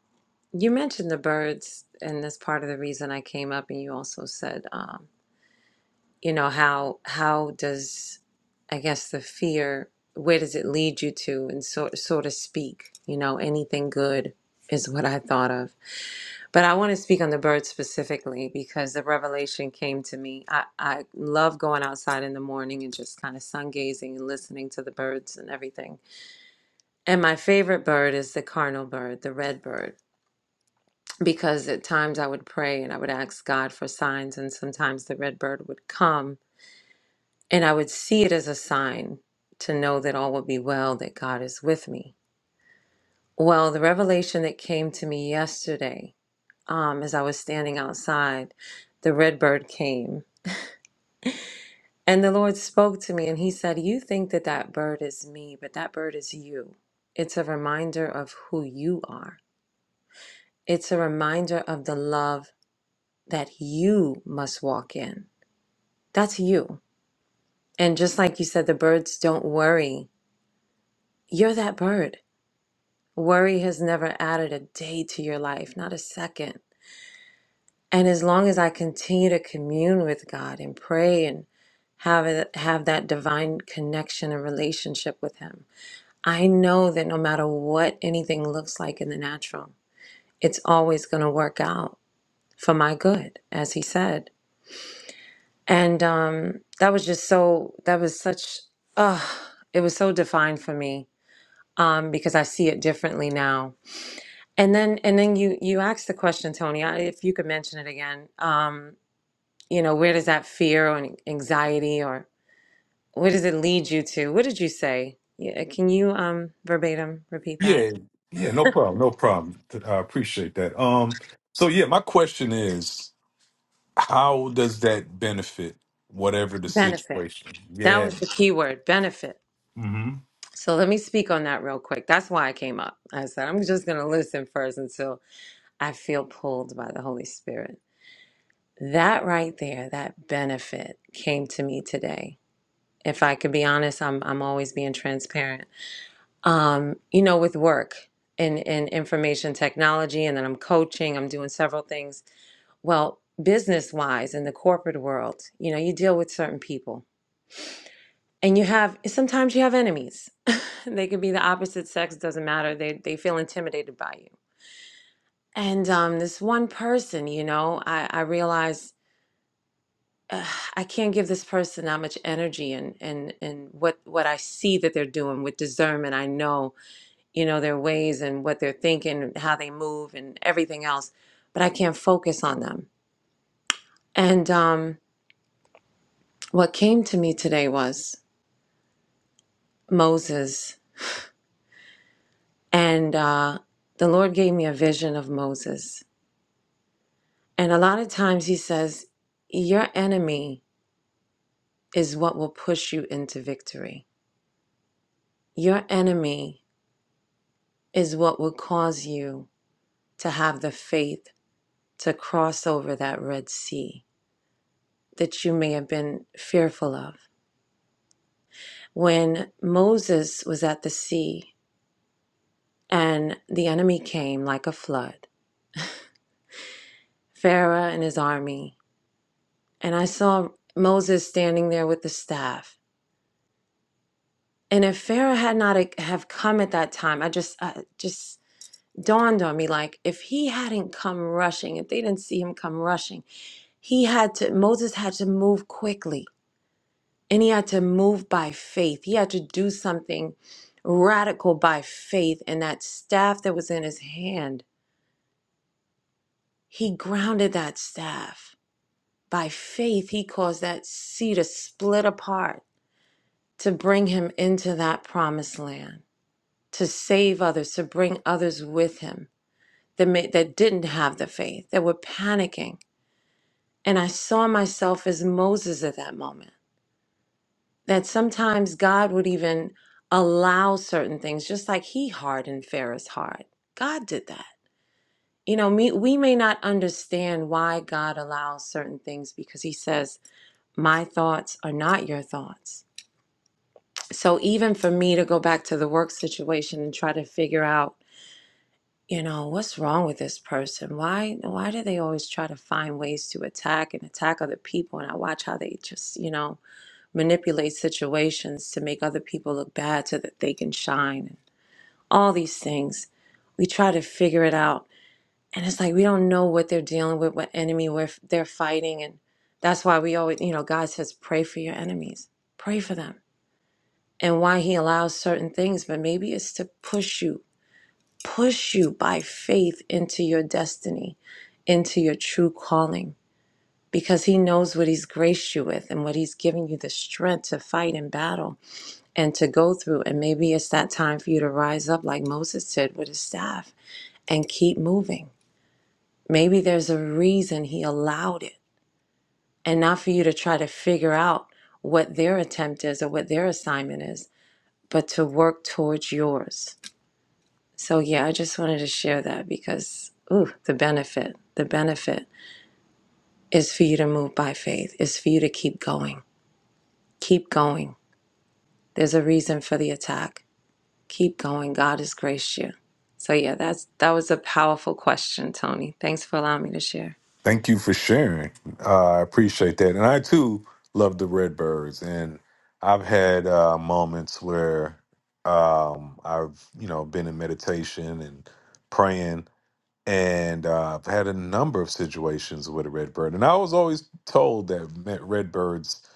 you mentioned the birds, and that's part of the reason I came up. And you also said, um, you know, how how does I guess the fear, where does it lead you to, and so so to speak, you know, anything good is what I thought of. But I want to speak on the birds specifically because the revelation came to me. I, I love going outside in the morning and just kind of sun gazing and listening to the birds and everything And my favorite bird is the cardinal bird, the red bird, because at times I would pray and I would ask God for signs, and sometimes the red bird would come and I would see it as a sign to know that all would be well, that God is with me. Well, the revelation that came to me yesterday, um, as I was standing outside, the red bird came and the Lord spoke to me and He said, You think that that bird is me, but that bird is you. It's a reminder of who you are It's a reminder of the love that you must walk in. That's you. And just like you said, the birds don't worry. You're that bird. Worry has never added a day to your life, not a second. And as long as I continue to commune with God and pray and have it, have that divine connection and relationship with Him, I know that no matter what anything looks like in the natural, it's always going to work out for my good, as He said. And um, that was just so, that was such, uh, it was so defined for me um, because I see it differently now. And then, and then you, you asked the question, Tony, I- if you could mention it again, um, you know, where does that fear or anxiety or where does it lead you to? What did you say? Yeah, can you um, verbatim repeat that?
Yeah, yeah, no problem, no problem. I appreciate that. Um, so yeah, my question is, how does that benefit whatever the
Benefit.
situation?
That
Yeah.
was the key word, benefit. So let me speak on that real quick. That's why I came up. I said, I'm just going to listen first until I feel pulled by the Holy Spirit. That right there, that benefit came to me today. If I could be honest, I'm I'm always being transparent. Um, you know, with work and in information technology, and then I'm coaching, I'm doing several things. Well, business wise in the corporate world, you know, you deal with certain people. And you have sometimes you have enemies. *laughs* they could be the opposite sex, doesn't matter. They they feel intimidated by you. And um, this one person, you know, I, I realized uh, I can't give this person that much energy and and and what what I see that they're doing with discernment. I know you know their ways and what they're thinking, how they move, and everything else, but I can't focus on them. And um, what came to me today was Moses, and uh, the Lord gave me a vision of Moses. And a lot of times He says, "Your enemy is what will push you into victory. Your enemy is what will cause you." to have the faith to cross over that Red Sea that you may have been fearful of. When Moses was at the sea and the enemy came like a flood, Pharaoh and his army, and I saw Moses standing there with the staff. And if Pharaoh had not uh, have come at that time, I just I just dawned on me like if he hadn't come rushing, if they didn't see him come rushing, he had to Moses had to move quickly And he had to move by faith. He had to do something radical by faith. And that staff that was in his hand, he grounded that staff. By faith, he caused that sea to split apart to bring him into that promised land, to save others, to bring others with him that, may, that didn't have the faith, that were panicking. And I saw myself as Moses at that moment. that sometimes God would even allow certain things, just like he hardened Pharaoh's heart. God did that. You know, me, we may not understand why God allows certain things because he says, My thoughts are not your thoughts. So even for me to go back to the work situation and try to figure out, you know, what's wrong with this person? Why why do they always try to find ways to attack and attack other people? And I watch how they just, you know, manipulate situations to make other people look bad so that they can shine and all these things we try to figure it out and it's like we don't know what they're dealing with what enemy we're, they're fighting and that's why we always you know god says pray for your enemies pray for them and why he allows certain things but maybe it's to push you push you by faith into your destiny into your true calling because he knows what he's graced you with and what he's given you the strength to fight in battle and to go through. And maybe it's that time for you to rise up, like Moses did with his staff, and keep moving. Maybe there's a reason he allowed it, and not for you to try to figure out what their attempt is or what their assignment is, but to work towards yours. So, yeah, I just wanted to share that because, ooh, the benefit, the benefit is for you to move by faith, is for you to keep going. Keep going. There's a reason for the attack Keep going. God has graced you. So yeah, that's that was a powerful question, Tony. Thanks for allowing me to share.
Thank you for sharing. Uh, I appreciate that. And I too love the Redbirds. And I've had uh, moments where um, I've, you know, been in meditation and praying. And uh, I've had a number of situations with a Redbird. And I was always told that me- Redbirds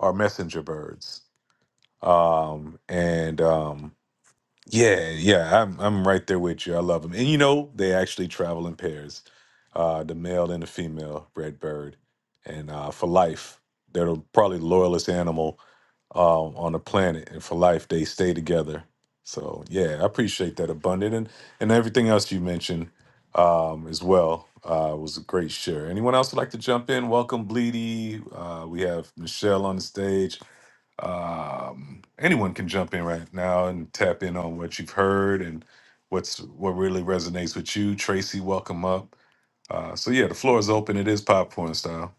are messenger birds. Um, and um, yeah, yeah, I'm I'm right there with you. I love them, and you know they actually travel in pairs, uh, the male and the female red bird, and uh, for life they're the- probably the loyalest animal um, on the planet and for life they stay together so yeah i appreciate that abundant and, and everything else you mentioned um, as well uh, was a great share anyone else would like to jump in welcome bleedy uh, we have michelle on the stage um, anyone can jump in right now and tap in on what you've heard and what's what really resonates with you tracy welcome up uh, so yeah the floor is open it is popcorn style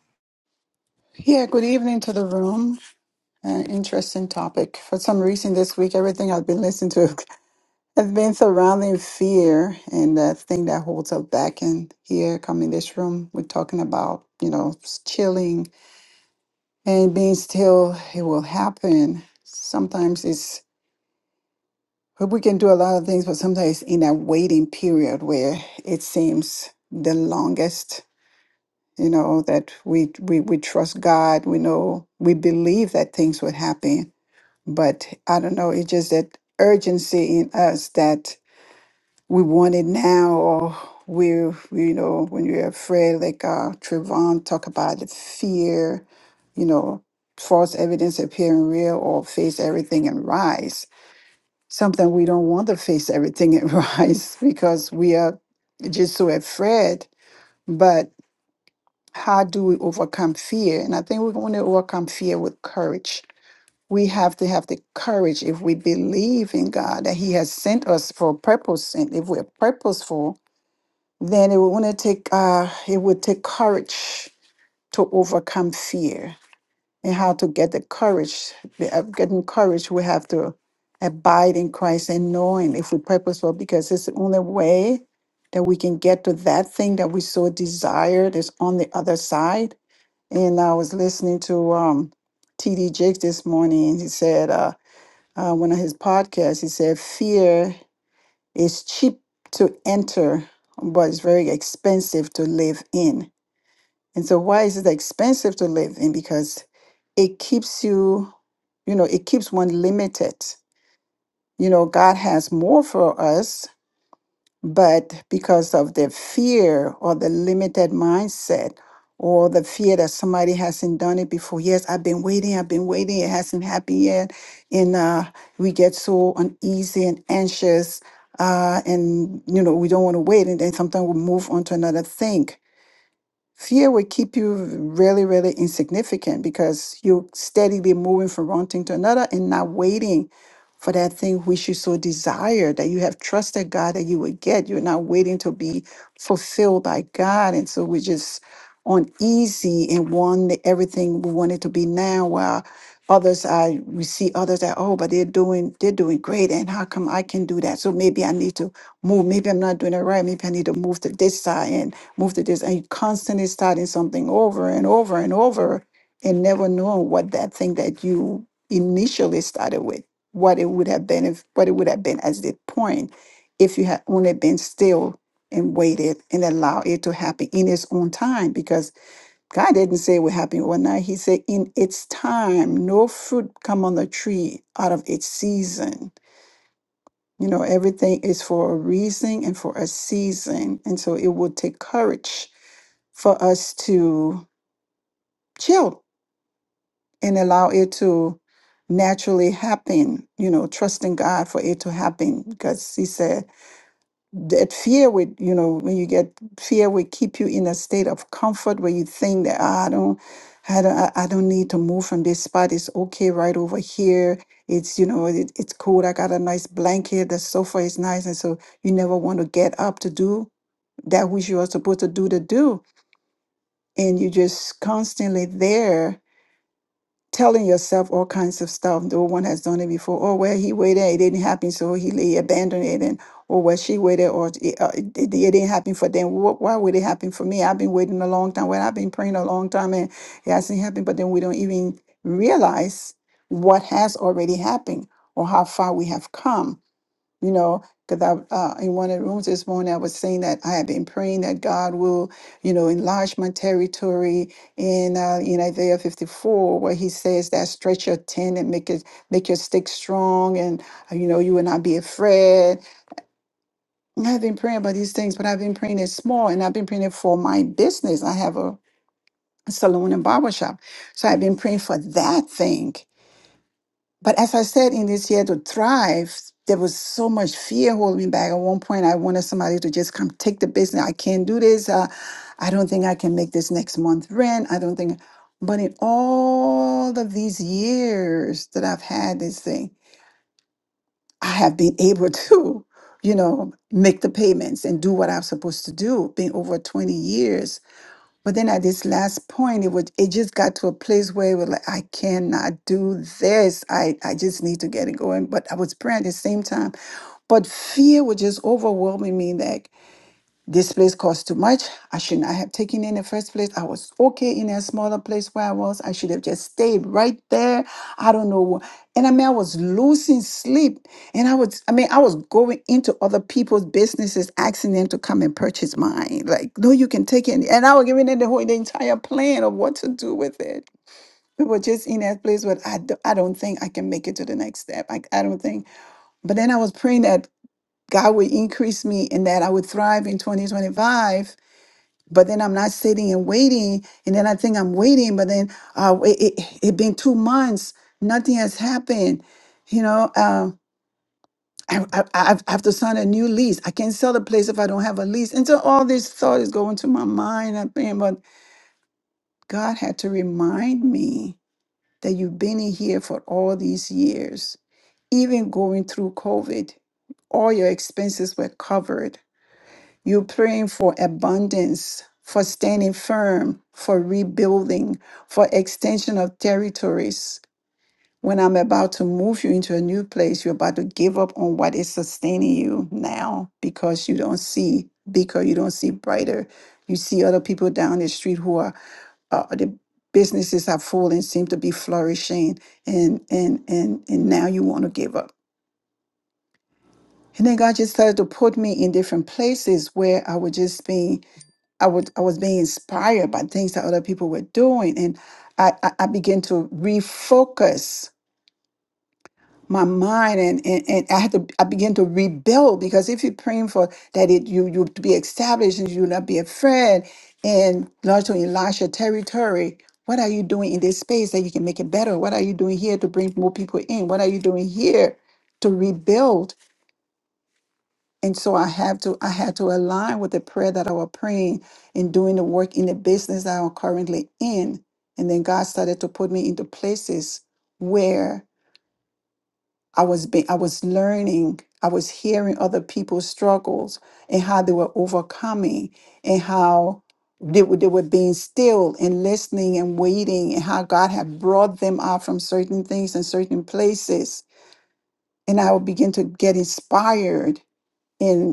Yeah, good evening to the room. Uh, interesting topic. For some reason, this week, everything I've been listening to *laughs* has been surrounding fear and that thing that holds us back. And here, coming this room, we're talking about, you know, s- chilling and being still. It will happen. Sometimes it's, well, we can do a lot of things, but sometimes in that waiting period where it seems the longest you know that we we, we trust god we know we believe that things would happen but I don't know, it's just that urgency in us that we want it now or we're you know, when we're afraid, like uh Trevon talk about the fear, you know, false evidence appearing real or face everything and rise. Sometimes we don't want to face everything and *laughs* rise because we are just so afraid. But how do we overcome fear? And I think we're going to overcome fear with courage we have to have the courage if we believe in God that He has sent us for a purpose, and if we're purposeful, then it would want to take uh, it would take courage to overcome fear. And how to get the courage, the- uh, getting courage, we have to abide in Christ and knowing if we're purposeful, because it's the only way that we can get to that thing that we so desire that's on the other side. And I was listening to um, T.D. Jakes this morning, and he said. Uh, uh, one of his podcasts. He said, Fear is cheap to enter, but it's very expensive to live in. And so, why is it expensive to live in? Because it keeps you, you know, it keeps one limited. You know, God has more for us, but because of the fear or the limited mindset or the fear that somebody hasn't done it before, yes, I've been waiting, I've been waiting, it hasn't happened yet. And uh, we get so uneasy and anxious. Uh, and you know we don't want to wait and then sometimes we move on to another thing Fear will keep you really, really insignificant because you're steadily moving from one thing to another and not waiting for that thing which you so desire that you have trusted God that you would get. You're not waiting to be fulfilled by God. And so we're just uneasy and want the- everything we want it to be now while others are we see others that oh but they're doing they're doing great and how come I can do that? So maybe I need to move. Maybe I'm not doing it right. Maybe I need to move to this side move to this and you constantly starting something over and over and over and never knowing what that thing that you initially started with what it would have been if what it would have been at the point if you had only been still and waited and allowed it to happen in its own time because god didn't say it would happen overnight he said in its time no fruit come on the tree out of its season you know, everything is for a reason and for a season. And so it will take courage for us to chill and allow it to naturally happen, you know, trusting God for it to happen because He said, that fear would you know when you get fear would keep you in a state of comfort where you think that "Ah, i don't i don't i I don't need to move from this spot it's okay right over here it's you know it, it's cool i got a nice blanket the sofa is nice and so you never want to get up to do that which you are supposed to do to do and you're just constantly there telling yourself all kinds of stuff. No one has done it before. Oh, well, he waited, it didn't happen, so he, he abandoned it. And oh, well, she waited, or it, uh, it, it didn't happen for them. Wh- why would it happen for me? I've been waiting a long time. Well, I've been praying a long time, and it hasn't happened. But then we don't even realize what has already happened or how far we have come you know because i uh, in one of the rooms this morning i was saying that i have been praying that god will you know enlarge my territory in uh, in isaiah 54 where he says that stretch your tent and make it make your stick strong and uh, you know you will not be afraid And i've been praying about these things but i've been praying it small and i've been praying it for my business i have a salon and barber shop so i've been praying for that thing but as I said, in this year to thrive, there was so much fear holding me back. At one point, I wanted somebody to just come take the business. I can't do this. Uh, I don't think I can make this next month rent. I don't think. But in all of these years that I've had this thing, I have been able *laughs* to, you know, make the payments and do what I'm supposed to do. Been over 20 years but then at this last point, it was it just got to a place where it was like, I cannot do this. I, I just need to get it going. But I was praying at the same time. But fear was just overwhelming me. like, this place cost too much. I should not have taken it in the first place. I was okay in a smaller place where I was. I should have just stayed right there. I don't know. what- And I mean, I was losing sleep. And I was, I mean, I was going into other people's businesses, asking them to come and purchase mine. Like, no, you can take it. And I was giving them the whole, the entire plan of what to do with it. We were just in that place where I, do, I don't think I can make it to the next step. I, I don't think. But then I was praying that God would increase me and that I would thrive in 2025 but then I'm not sitting and waiting. And then I think I'm waiting, but then uh, it, it, it been two months, nothing has happened. You know, uh, I, I, I have I have to sign a new lease. I can't sell the place if I don't have a lease. And so all this thought is going to my mind. I'm thinking, but God had to remind me that you've been in here for all these years, even going through COVID. All your expenses were covered You're praying for abundance, for standing firm, for rebuilding, for extension of territories. When I'm about to move you into a new place, you're about to give up on what is sustaining you now because you don't see bigger, you don't see brighter. You see other people down the street who are uh, the businesses are full and seem to be flourishing and and and and now you want to give up and then god just started to put me in different places where i would just be I would I was being inspired by things that other people were doing, and I I, I began to refocus my mind, and, and and I had to I began to rebuild because if you're praying for that it you you to be established and you not be afraid and launch to enlarge your territory. What are you doing in this space that you can make it better? What are you doing here to bring more people in? What are you doing here to rebuild? And so I have to I had to align with the prayer that I was praying and doing the work in the business that I'm currently in. And then God started to put me into places where I was being I was learning, I was hearing other people's struggles and how they were overcoming and how they were, they were being still and listening and waiting and how God had brought them out from certain things and certain places. And I would begin to get inspired and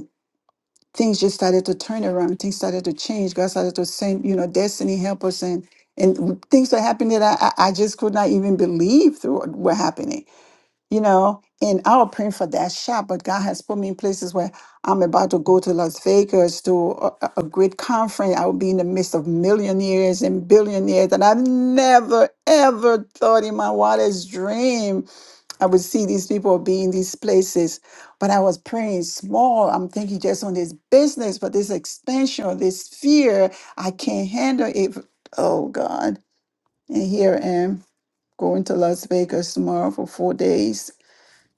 things just started to turn around. Things started to change. God started to send, you know, destiny helpers and and things that happened that I I I just could not even believe through what were happening. You know, and I was praying for that shot, but God has put me in places where I'm about to go to Las Vegas to a, a a great conference. I will be in the midst of millionaires and billionaires that I've never ever thought in my wildest dream I would see these people be in these places, but I was praying small. I'm thinking just on this business, but this expansion, this fear, I can't handle it. Oh God. And here I am going to Las Vegas tomorrow for four days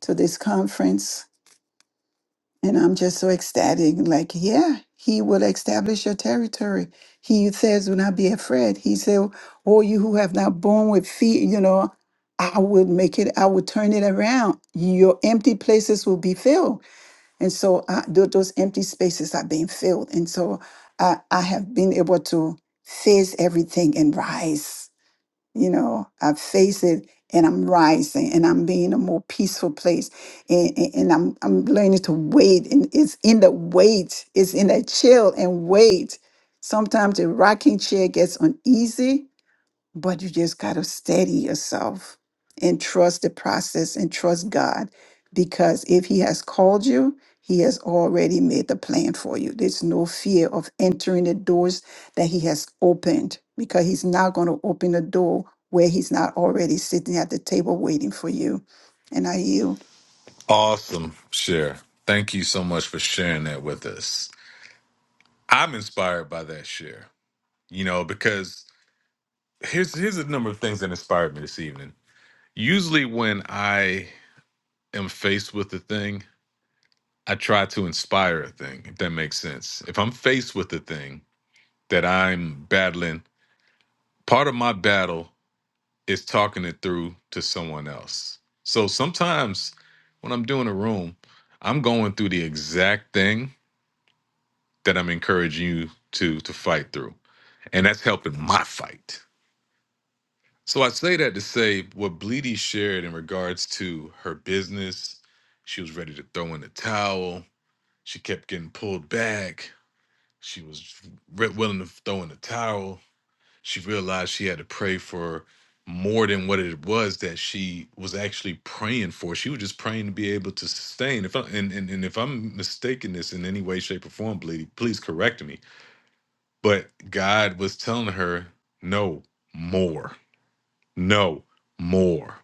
to this conference. And I'm just so ecstatic. Like, yeah, he will establish your territory. He says, "Do not be afraid. He said, Oh, you who have not borne with fear, you know, I will make it, I will turn it around. Your empty places will be filled. And so I, tho- those empty spaces are being filled. And so I, I have been able to face everything and rise you know i face it and i'm rising and i'm being a more peaceful place and, and, and I'm, I'm learning to wait and it's in the wait it's in that chill and wait sometimes the rocking chair gets uneasy but you just got to steady yourself and trust the process and trust God because if He has called you, He has already made the plan for you. There's no fear of entering the doors that He has opened because He's not going to open a door where He's not already sitting at the table waiting for you. And I yield.
awesome share thank you so much for sharing that with us I'm inspired by that share, you know, because here's here's a number of things that inspired me this evening. Usually when I am faced with a thing, I try to inspire a thing, if that makes sense. If I'm faced with a thing that I'm battling, part of my battle is talking it through to someone else. So sometimes when I'm doing a room, I'm going through the exact thing that I'm encouraging you to to fight through. And that's helping my fight So I say that to say what Bleedy shared in regards to her business. She was ready to throw in the towel. She kept getting pulled back. She was re- willing to throw in the towel. She realized she had to pray for more than what it was that she was actually praying for. She was just praying to be able to sustain. If I, and, and and if I'm mistaken this in any way, shape, or form, Bleedy, please correct me. But God was telling her, no more, no more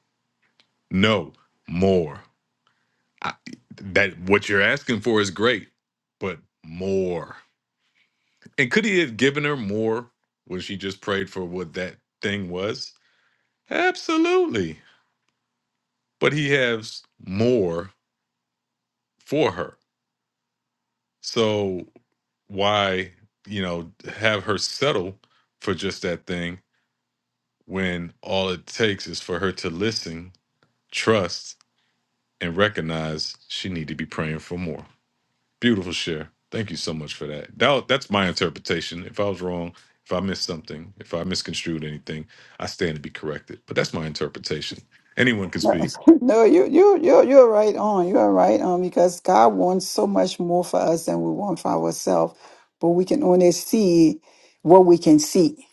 No, more. I, that what you're asking for is great, but more. And could he have given her more when she just prayed for what that thing was? Absolutely. But he has more for her. So why, you know, have her settle for just that thing when all it takes is for her to listen, trust, and recognize she need to be praying for more. Beautiful share. Thank you so much for that. that. That's my interpretation. If I was wrong, if I missed something, if I misconstrued anything, I stand to be corrected. But that's my interpretation. Anyone can
No,
speak.
*laughs* no, you you you you're right on. You are right on because God wants so much more for us than we want for ourselves, but we can only see what we can see,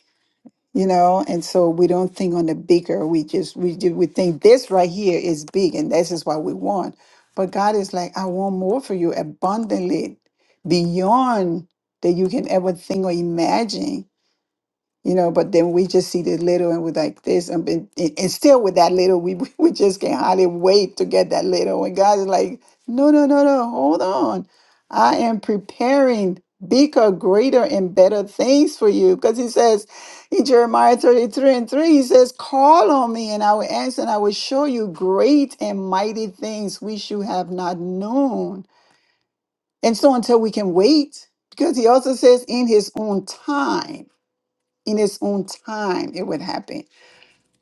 you know. And so we don't think on the bigger. We just we do we think this right here is big, and this is what we want. But God is like, I want more for you abundantly, beyond that you can ever think or imagine you know but then we just see the little and we're like this and, been- and, and still with that little we *laughs* we just can hardly wait to get that little and god's like no no no no hold on i am preparing bigger greater and better things for you because he says in jeremiah 33 and 3 he says call on me and i will answer and i will show you great and mighty things which you have not known and so until we can wait because he also says in his own time in its own time it would happen.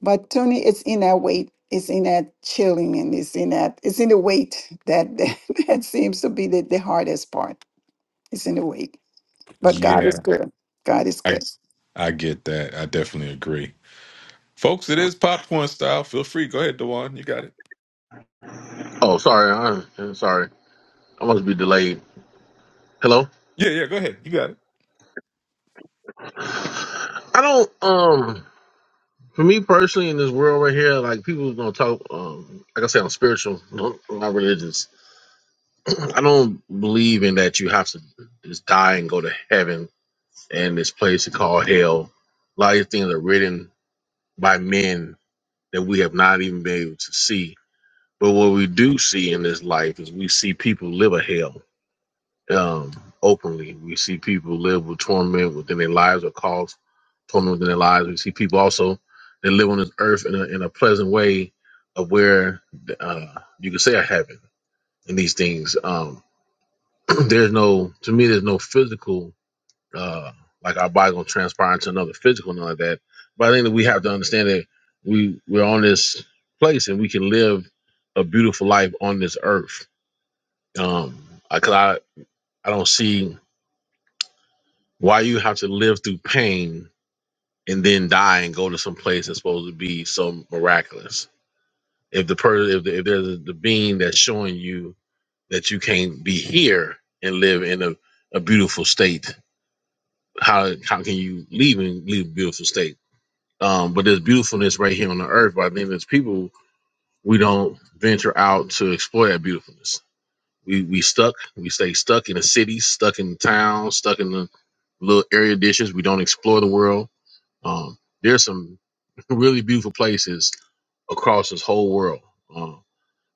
But Tony, it's in that wait. it's in that chilling, and it's in that it's in the wait that *laughs* that, seems to be the, the hardest part. It's in the wait. But God
Yeah,
is good. God is
I
good.
I get that. I definitely agree, folks. It is popcorn style. Feel free. Go ahead, Dewan. You got it.
Oh, sorry. I'm I'm sorry. I must be delayed. Hello?
Yeah, yeah. Go ahead. You got it.
I don't, um, for me personally in this world right here, like people gonna talk, um, like I said, I'm spiritual, *laughs* not religious. I don't believe in that you have to just die and go to heaven and this place called hell. A lot of things are written by men that we have not even been able to see. But what we do see in this life is we see people live a hell um, openly. We see people live with torment within their lives or cause torment within their lives. We see people also that live on this earth in a, in a pleasant way of where uh, you could say a heaven in these things. Um, *clears throat* there's no to me there's no physical uh like our body gonna transpire into another physical none of that but i think that we have to understand that we we're on this place and we can live a beautiful life on this earth um i cause i i don't see why you have to live through pain and then die and go to some place that's supposed to be so miraculous if the person if, the, if there's the being that's showing you that you can't be here and live in a, a beautiful state how how can you leave and leave a beautiful state? Um, but there's beautifulness right here on the earth. But I think as people, we don't venture out to explore that beautifulness. We we stuck. We stay stuck in the city, stuck in the town, stuck in the little area dishes. We don't explore the world. Um, there's some *laughs* really beautiful places across this whole world um,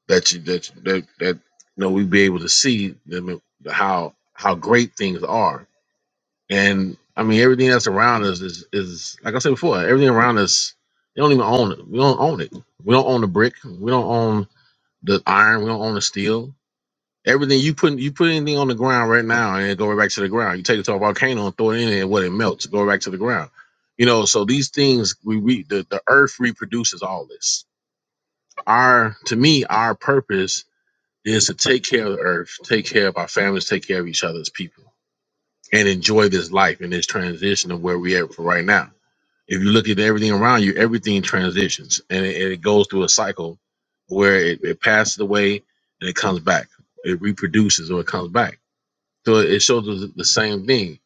that you that that that you know we'd be able to see them, how how great things are and I mean, everything that's around us is is like I said before. Everything around us, they don't even own it. We don't own it. We don't own the brick. We don't own the iron. We don't own the steel. Everything you put you put anything on the ground right now, and it go right back to the ground. You take it to a volcano and throw it in, and what it melts, go right back to the ground. You know, so these things we re, the the earth reproduces all this. Our to me, our purpose is to take care of the earth, take care of our families, take care of each other's people and enjoy this life and this transition of where we at for right now. If you look at everything around you, everything transitions and it, and it goes through a cycle where it, it passes away and it comes back. It reproduces or it comes back. So it shows us the same thing.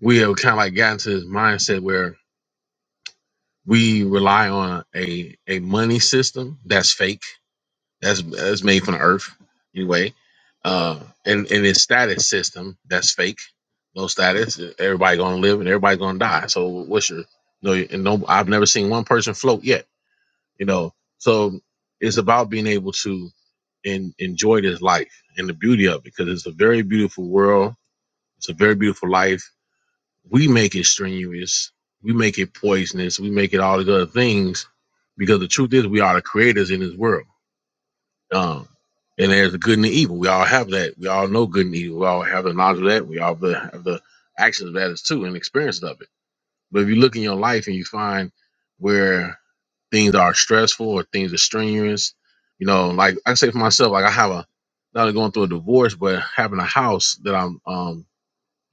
We have kind of like gotten to this mindset where we rely on a, a money system that's fake that's that's made from the earth anyway. Uh, and in its status system, that's fake. No status. Everybody gonna live and everybody gonna die. So what's your no? And no, I've never seen one person float yet. You know, so it's about being able to en- enjoy this life and the beauty of it because it's a very beautiful world. It's a very beautiful life. We make it strenuous. We make it poisonous. We make it all these other things because the truth is we are the creators in this world um, and there's the good and the evil. We all have that. We all know good and evil. We all have the knowledge of that. We all have the, have the actions of that as too and experience of it. But if you look in your life and you find where things are stressful or things are strenuous, you know, like I say for myself, like I have a not only going through a divorce, but having a house that I'm, um,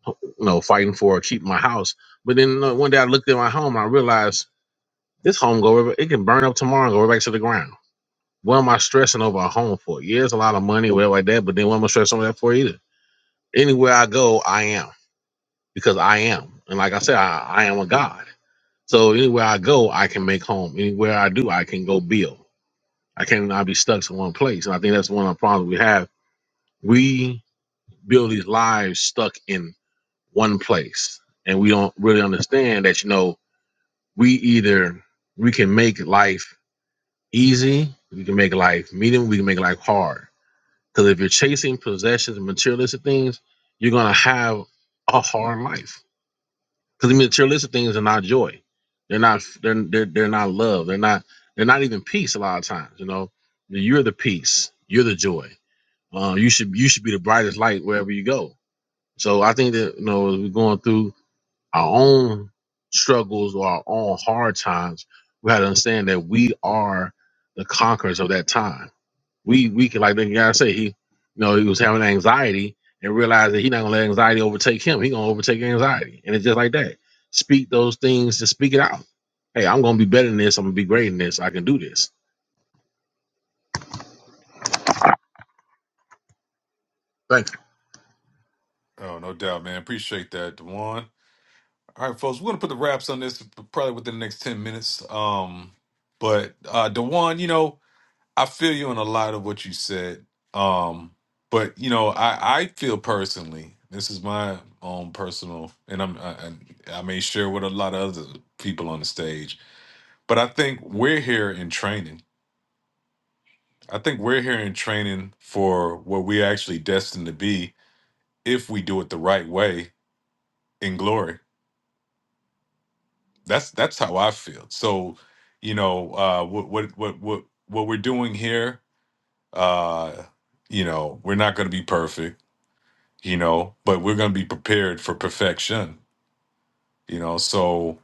you know, fighting for, keeping my house. But then uh, one day I looked at my home and I realized this home go, over, it can burn up tomorrow and go right back to the ground what am I stressing over a home for? Yeah, it's a lot of money, whatever like that, but then what am I stressing over that for either? Anywhere I go, I am because I am. And like I said, I, I am a God. So anywhere I go, I can make home. Anywhere I do, I can go build. I cannot be stuck in one place. And I think that's one of the problems we have. We build these lives stuck in one place. And we don't really understand that, you know, we either we can make life easy, we can make life medium, we can make life hard Because if you're chasing possessions and materialistic things, you're gonna have a hard life. Because the materialistic things are not joy. They're not. They're, they're they're not love. They're not. They're not even peace. A lot of times, you know, you're the peace. You're the joy. Uh, you should you should be the brightest light wherever you go. So I think that you know, as we're going through our own struggles or our own hard times, we have to understand that we are the conquerors of that time we we could like the guy said he you know he was having anxiety and realized that he's not gonna let anxiety overtake him. He gonna overtake anxiety, and it's just like that. Speak those things to speak it out. Hey, I'm gonna be better than this. I'm gonna be great in this. I can do this. Thank you.
Oh, no doubt, man. Appreciate that, Dewan. All right, folks. We're gonna put the wraps on this probably within the next ten minutes. Um, but uh, Dewan, you know. I feel you in a lot of what you said. Um, but you know, I, I feel personally, this is my own personal, and I'm I, I I may share with a lot of other people on the stage. But I think we're here in training. I think we're here in training for what we're actually destined to be if we do it the right way in glory. That's that's how I feel. So, you know, uh, what what what what what we're doing here, uh, you know, we're not going to be perfect you know but we're going to be prepared for perfection you know so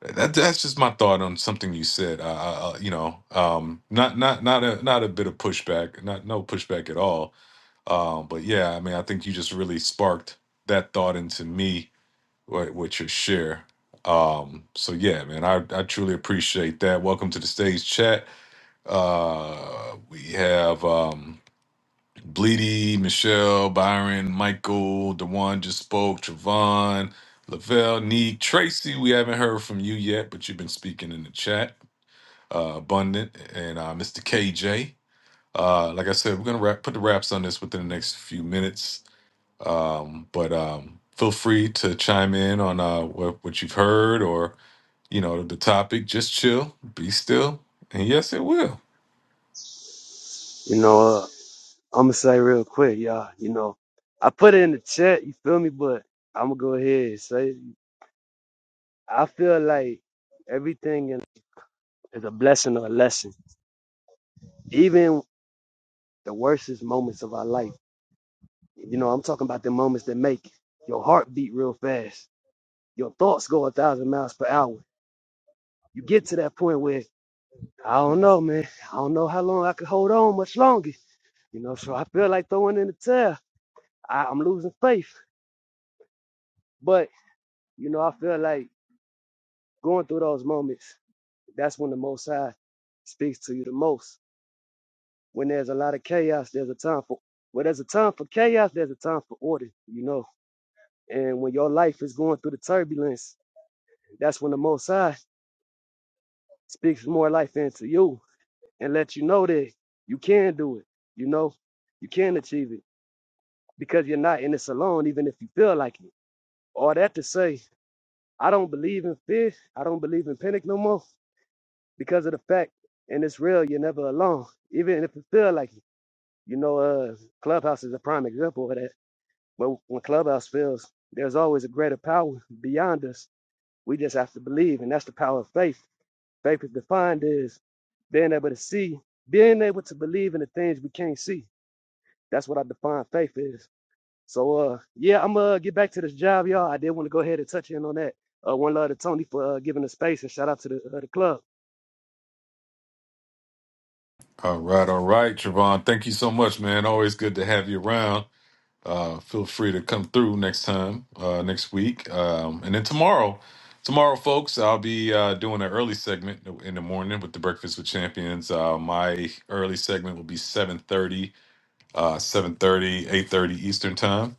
that that's just my thought on something you said I, I, I- you know um not not not a not a bit of pushback not no pushback at all um but yeah i mean i think you just really sparked that thought into me with, with your share um so yeah man i i truly appreciate that welcome to the stage chat uh we have Um, Bleedy, Michelle, Byron, Michael, Dewan just spoke, Travon, Lavelle, Neek, Tracy. We haven't heard from you yet, but you've been speaking in the chat. Uh, Abundant and uh, Mr. KJ. Uh, like I said, we're gonna wrap, put the wraps on this within the next few minutes. Um, but um, feel free to chime in on uh, what, what you've heard or you know the topic. Just chill, be still, and yes, it will.
*laughs* you know, uh, I'm gonna say real quick, y'all. You know, I put it in the chat. You feel me? But I'm gonna go ahead and say I feel like everything in is a blessing or a lesson. Even the worstest moments of our life. You know, I'm talking about the moments that make your heart beat real fast. Your thoughts go a thousand miles per hour. You get to that point where I don't know, man. I don't know how long I could hold on much longer. You know, so I feel like throwing in the towel. I, I'm losing faith. But you know, I feel like going through those moments. That's when the Most High speaks to you the most. When there's a lot of chaos, there's a time for. Well, there's a time for chaos. There's a time for order. You know. And when your life is going through the turbulence, that's when the Most High speaks more life into you and lets you know that you can do it. You know, you can achieve it because you're not in this alone, even if you feel like it. All that to say, I don't believe in fear. I don't believe in panic no more because of the fact, and it's real, you're never alone, even if you feel like it. You know, uh, Clubhouse is a prime example of that. When, when Clubhouse fails, there's always a greater power beyond us. We just have to believe, and that's the power of faith Faith is defined as being able to see, being able to believe in the things we can't see. That's what I define faith is. So uh yeah, I'm gonna uh, get back to this job, y'all. I did want to go ahead and touch in on that. Uh one love to Tony for uh, giving the space and shout out to the uh, the club.
All right, all right, Travon. Thank you so much, man. Always good to have you around. Uh, feel free to come through next time, uh, next week, um, and then tomorrow. Tomorrow, folks, I'll be uh, doing an early segment in the morning with the Breakfast with Champions. Uh, my early segment will be 7.30, uh, 7.30, Eastern Time,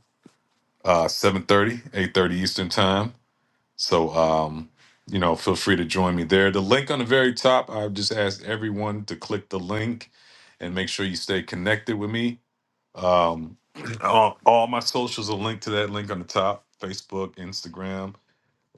uh, 7.30, Eastern Time. So, um, you know, feel free to join me there. The link on the very top, I've just asked everyone to click the link and make sure you stay connected with me. Um, *clears throat* all, all my socials are linked to that link on the top Facebook, Instagram,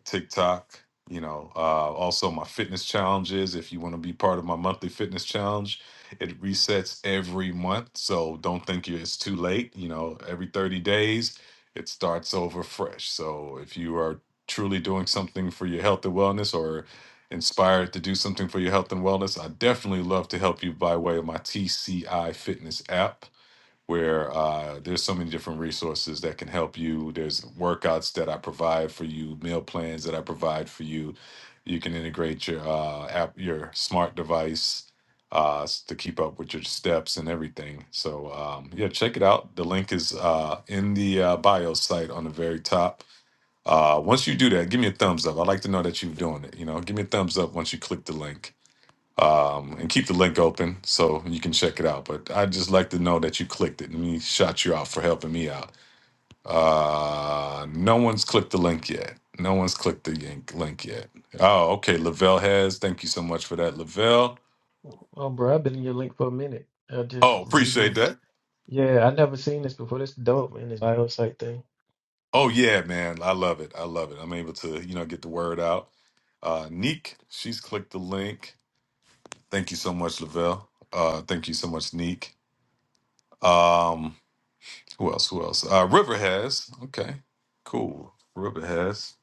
TikTok. You know, uh, also my fitness challenges. If you want to be part of my monthly fitness challenge, it resets every month. So don't think you it's too late. You know, every 30 days, it starts over fresh. So if you are truly doing something for your health and wellness or inspired to do something for your health and wellness, I definitely love to help you by way of my TCI Fitness app where uh, there's so many different resources that can help you. There's workouts that I provide for you, meal plans that I provide for you. You can integrate your uh, app, your smart device uh, s- to keep up with your steps and everything. So um, yeah, check it out. The link is uh, in the uh, bio site on the very top. Uh, once you do that, give me a thumbs up. I'd like to know that you're doing it. You know, give me a thumbs up once you click the link um, and keep the link open so you can check it out. But I'd just like to know that you clicked it. Let me shout you out for helping me out. Uh, no one's clicked the link yet. No one's clicked the yank- link yet. Oh, okay. Lavelle has. Thank you so much for that, Lavelle.
Oh, bro, I've been in your link for a minute. I just
Oh, appreciate
reading.
that.
Yeah, I never seen this before. This dope, man. This bio site thing.
Oh yeah, man. I love it. I love it. I'm able to, you know, get the word out. Uh, Neek, she's clicked the link. Thank you so much, Lavelle. Uh, thank you so much, Neek. Um, Who else? Who else? Uh, River has. Okay, cool. River has,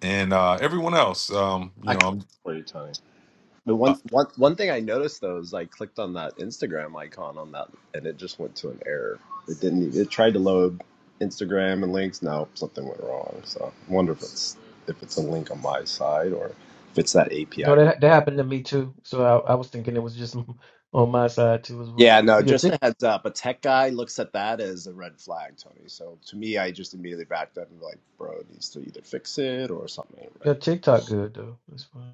and uh, everyone else. Um, you know,
clicked
I'm.
plenty of time. But
Uh,
one one one thing I noticed though is I clicked on that Instagram icon on that, and it just went to an error. It didn't. e, It tried to load Instagram and links. No, something went wrong. So I wonder if it's if it's a link on my side or if it's that
No,
API. re-
that that happened to me too. So I, I was thinking it was just *laughs* on my side too as well.
Yeah, no.
But your
Just
tick,
a heads up. A tech guy looks at that as a red flag, Tony. So to me, I just immediately backed up and be like, bro, it needs to either fix it or something ain't
your
right.
TikTok good though. That's fine.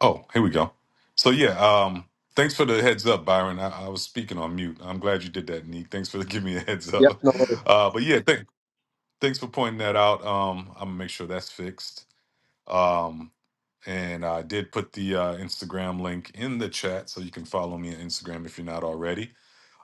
oh, here we go. So yeah. Um, thanks for the heads up, Byron. I, I was speaking on mute. I'm glad you did that, Neek. Thanks for *laughs* giving me a heads
Yep.
up.
No
Uh, but yeah, thank, thanks for pointing that out. Um, I'm gonna make sure that's fixed. Um, and I did put the uh, Instagram link in the chat, so you can follow me on Instagram if you're not already.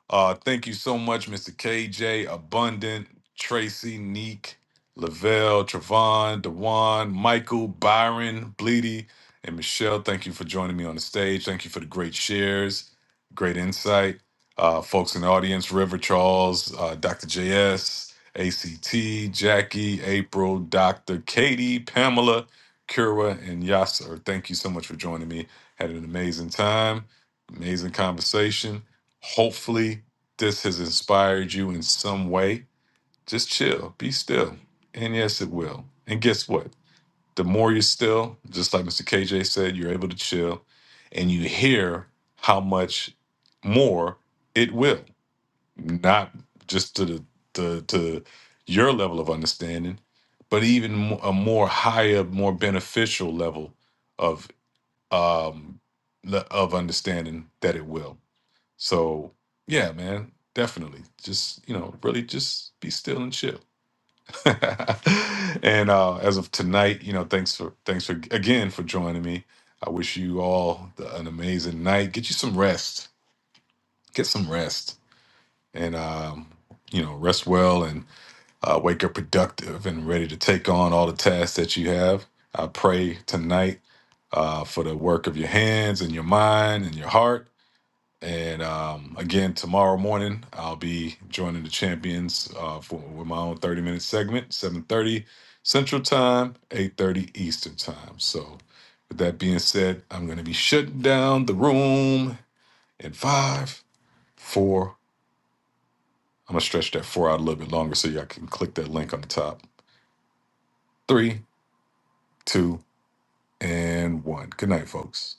Uh, thank you so much, Mr. KJ, Abundant, Tracy, Neek, Lavelle, Travon, Dewan, Michael, Byron, Bleedy, and Michelle. Thank you for joining me on the stage. Thank you for the great shares, great insight. Uh, folks in the audience, River Charles, uh, Dr. JS, ACT, Jackie, April, Dr. Katie, Pamela, Kura, and Yasser. Thank you so much for joining me. Had an amazing time, amazing conversation. Hopefully, this has inspired you in some way. Just chill, be still. And yes, it will. And guess what? The more you're still, just like Mr. KJ said, you're able to chill and you hear how much more it will, not just to the, the to your level of understanding, but even mo- a more higher, more beneficial level of um le- of understanding that it will. So yeah, man, definitely. Just you know, really just be still and chill. *laughs* and uh, as of tonight, you know, thanks for thanks for again for joining me. I wish you all the, an amazing night. Get you some rest. Get some rest, and um, you know, rest well and uh, wake up productive and ready to take on all the tasks that you have. I pray tonight uh, for the work of your hands and your mind and your heart and um, again, tomorrow morning, I'll be joining the champions uh, for with my own 30 minute segment, 7:30 Central Time, 8:30 Eastern Time. So, with that being said, I'm going to be shutting down the room in five, four. I'm gonna stretch that four out a little bit longer so y'all can click that link on the top. Three, two, and one. Good night, folks.